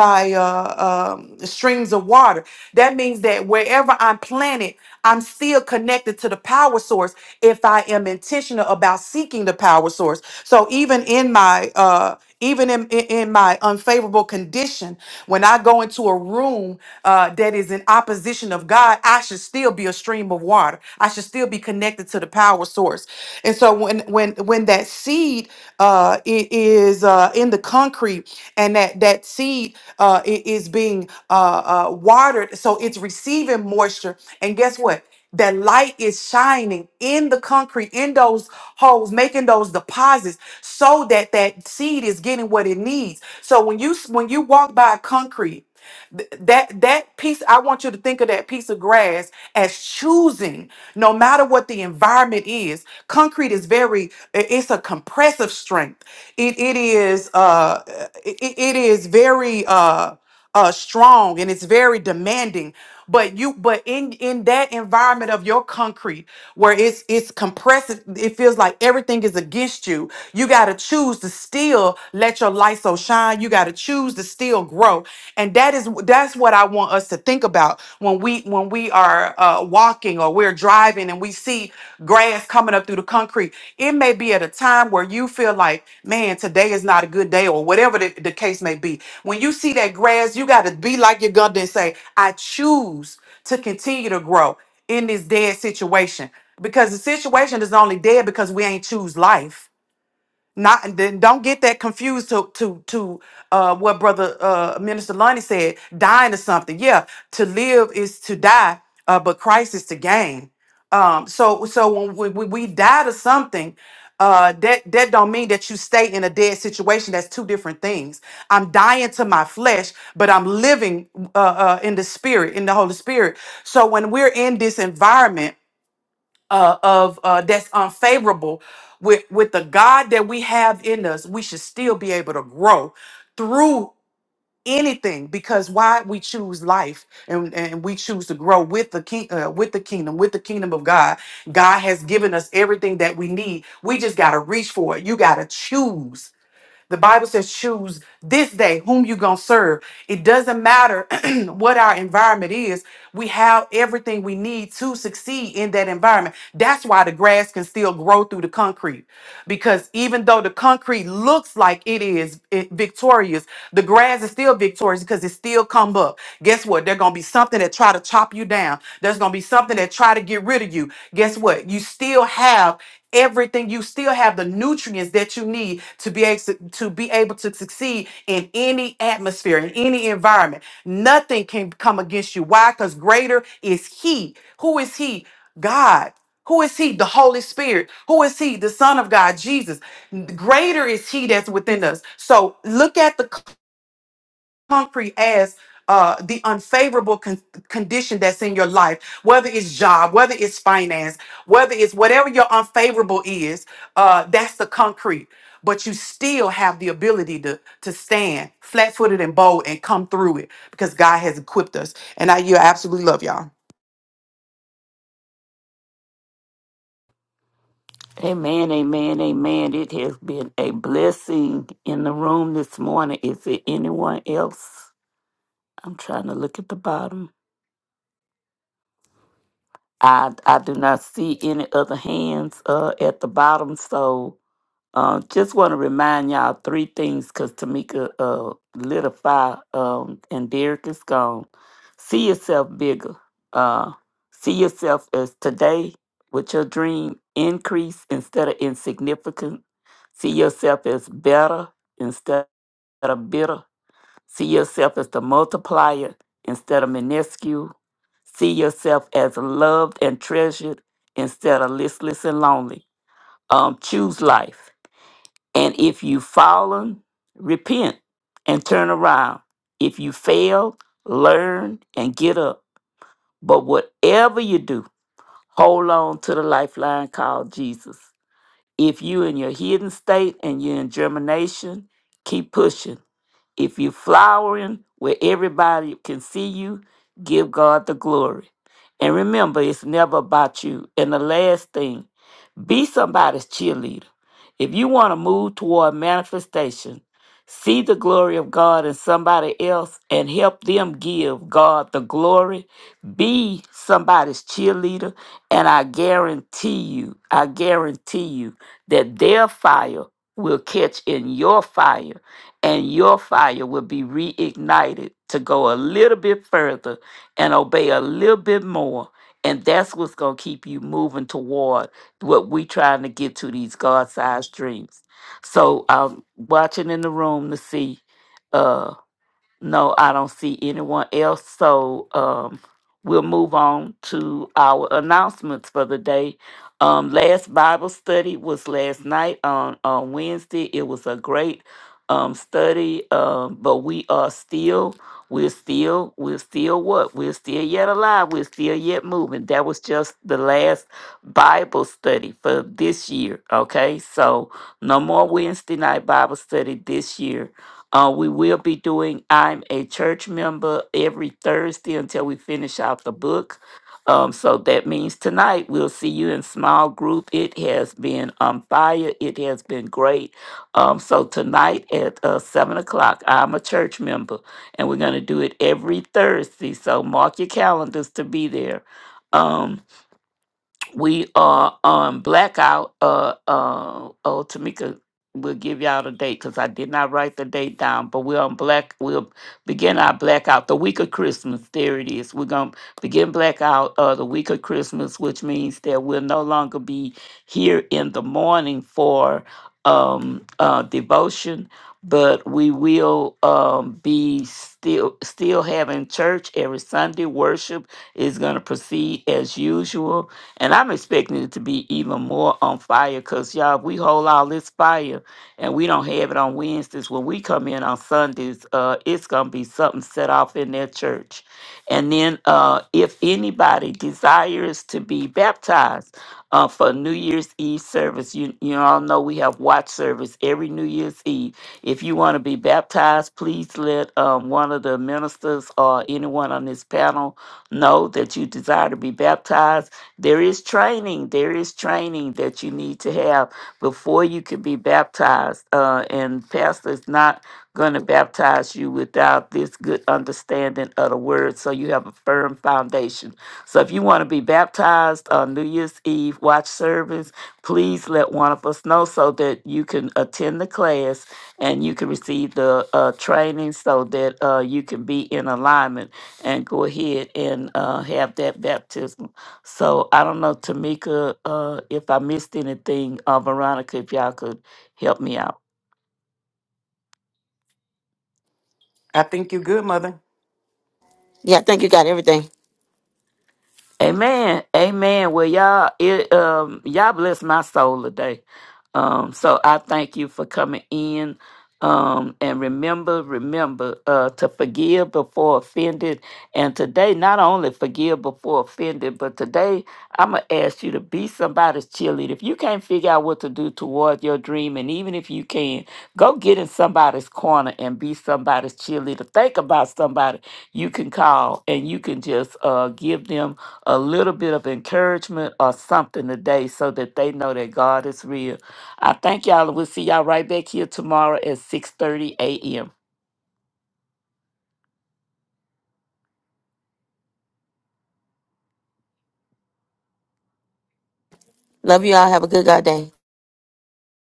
by uh, um, streams of water. That means that wherever I'm planted, I'm still connected to the power source if I am intentional about seeking the power source. So even in my uh, even in, in, in my unfavorable condition, when I go into a room uh, that is in opposition of God, I should still be a stream of water. I should still be connected to the power source yours. And so when when when that seed uh, i- is uh, in the concrete and that that seed uh, i- is being uh, uh, watered, so it's receiving moisture. And guess what? That light is shining in the concrete, in those holes, making those deposits, so that that seed is getting what it needs. So when you s- when you walk by concrete Th- That that piece, I want you to think of that piece of grass as choosing, no matter what the environment is. Concrete is very, i- it's a compressive strength. It it is uh it, it is very uh uh strong and it's very demanding. But you but in in that environment of your concrete where it's it's compressed, it feels like everything is against you. You gotta choose to still let your light so shine. You gotta choose to still grow. And that is that's what I want us to think about when we when we are uh, walking or we're driving and we we see grass coming up through the concrete. It may be at a time where you feel like, man, today is not a good day, or whatever the, the case may be. When you see that grass, you got to be like your gun and say, I choose to continue to grow in this dead situation because the situation is only dead because we ain't choose life not and then don't get that confused to to to uh, what brother uh, Minister Lundy said, dying to something. Yeah, to live is to die, uh, but Christ is to gain. Um, so so when we, we, we die to something, uh, that that don't mean that you stay in a dead situation. That's two different things. I'm dying to my flesh, but I'm living uh, uh, in the spirit, in the Holy Spirit. So when we're in this environment uh, of uh, that's unfavorable with with the God that we have in us, we should still be able to grow through anything because why we choose life and, and we choose to grow with the king uh, with the kingdom with the kingdom of God. God has given us everything that we need. We just got to reach for it. You got to choose. The Bible says choose this day whom you going to serve. It doesn't matter what our environment is, we have everything we need to succeed in that environment. That's why the grass can still grow through the concrete. Because even though the concrete looks like it is eh, victorious, the grass is still victorious because it still come up. Guess what? There's gonna be something that try to chop you down. There's gonna be something that try to get rid of you. Guess what? You still have everything you still have the nutrients that you need to be able to be able to succeed in any atmosphere in any environment Nothing can come against you. Why? Because greater is He. Who is He? God. Who is He? The Holy Spirit. Who is He? The Son of God, Jesus. Greater is He that's within us. So look at the concrete as uh, the unfavorable con- condition that's in your life, whether it's job, whether it's finance, whether it's whatever your unfavorable is, uh, that's the concrete. But you still have the ability to, to stand flat footed and bold and come through it because God has equipped us. And I you absolutely love y'all. Amen, amen, amen. It has been a blessing in the room this morning. Is there anyone else? I'm trying to look at the bottom. I I do not see any other hands uh, at the bottom. So uh, just want to remind y'all three things because Tamika uh, lit a fire um, and Derek is gone. See yourself bigger. Uh, see yourself as today with your dream increase instead of insignificant. See yourself as better instead of bitter. See yourself as the multiplier instead of minuscule. See yourself as loved and treasured instead of listless and lonely. Um, choose life. And if you've fallen, repent and turn around. If you fail, learn and get up. But whatever you do, hold on to the lifeline called Jesus. If you're in your hidden state and you're in germination, keep pushing if you're flowering where everybody can see you, give God the glory. And remember, it's never about you. And the last thing, be somebody's cheerleader. If you want to move toward manifestation, see the glory of God in somebody else and help them give God the glory. Be somebody's cheerleader, and I guarantee you, I guarantee you that their fire will catch in your fire, and your fire will be reignited to go a little bit further and obey a little bit more. And that's what's going to keep you moving toward what we're trying to get to these God sized dreams. So I'm watching in the room to see uh, no, I don't see anyone else. So um, we'll move on to our announcements for the day. Um, last Bible study was last night on, on Wednesday. It was a great um, study, um, but we are still, we're still, we're still what? We're still yet alive. We're still yet moving. That was just the last Bible study for this year. Okay, so no more Wednesday night Bible study this year uh, we will be doing I'm a Church Member every Thursday until we finish out the book. Um, so that means tonight we'll see you in small group. It has been on fire. It has been great. Um, so tonight at uh, 7 o'clock, I'm a church member, and we're going to do it every Thursday. So mark your calendars to be there. Um, we are on blackout. Uh, uh, oh, Tamika will give y'all the date because I did not write the date down. But we're on black. We'll begin our blackout the week of Christmas. There it is. We're gonna begin blackout uh, the week of Christmas, which means that we'll no longer be here in the morning for um, uh, devotion, but we will um, be still still having church every Sunday. Worship is going to proceed as usual and I'm expecting it to be even more on fire because, y'all, if we hold all this fire and we don't have it on Wednesdays, when we come in on Sundays, uh, it's going to be something set off in their church. And then uh, if anybody desires to be baptized uh, for New Year's Eve service, you, you all know we have watch service every New Year's Eve. If you want to be baptized, please let um, one of the ministers or anyone on this panel know that you desire to be baptized there is training, there is training that you need to have before you can be baptized. Uh, and pastor is not going to baptize you without this good understanding of the word so you have a firm foundation. So if you want to be baptized on New Year's Eve watch service, please let one of us know so that you can attend the class and you can receive the uh, training so that uh, you can be in alignment and go ahead and uh, have that baptism so I don't know, Tamika, uh, if I missed anything, uh, Veronica, if y'all could help me out. I think you're good, mother. Yeah, I think you got everything. Amen. Amen. Well, y'all, it, um, y'all bless my soul today. Um, so I thank you for coming in. Um, and remember, remember, uh, to forgive before offended. And today, not only forgive before offended, but today I'm gonna ask you to be somebody's cheerleader. If you can't figure out what to do toward your dream, and even if you can, go get in somebody's corner and be somebody's cheerleader. Think about somebody you can call and you can just, uh, give them a little bit of encouragement or something today so that they know that God is real. I thank y'all. We'll see y'all right back here tomorrow at 6:30 a.m. Love you all. Have a good God day.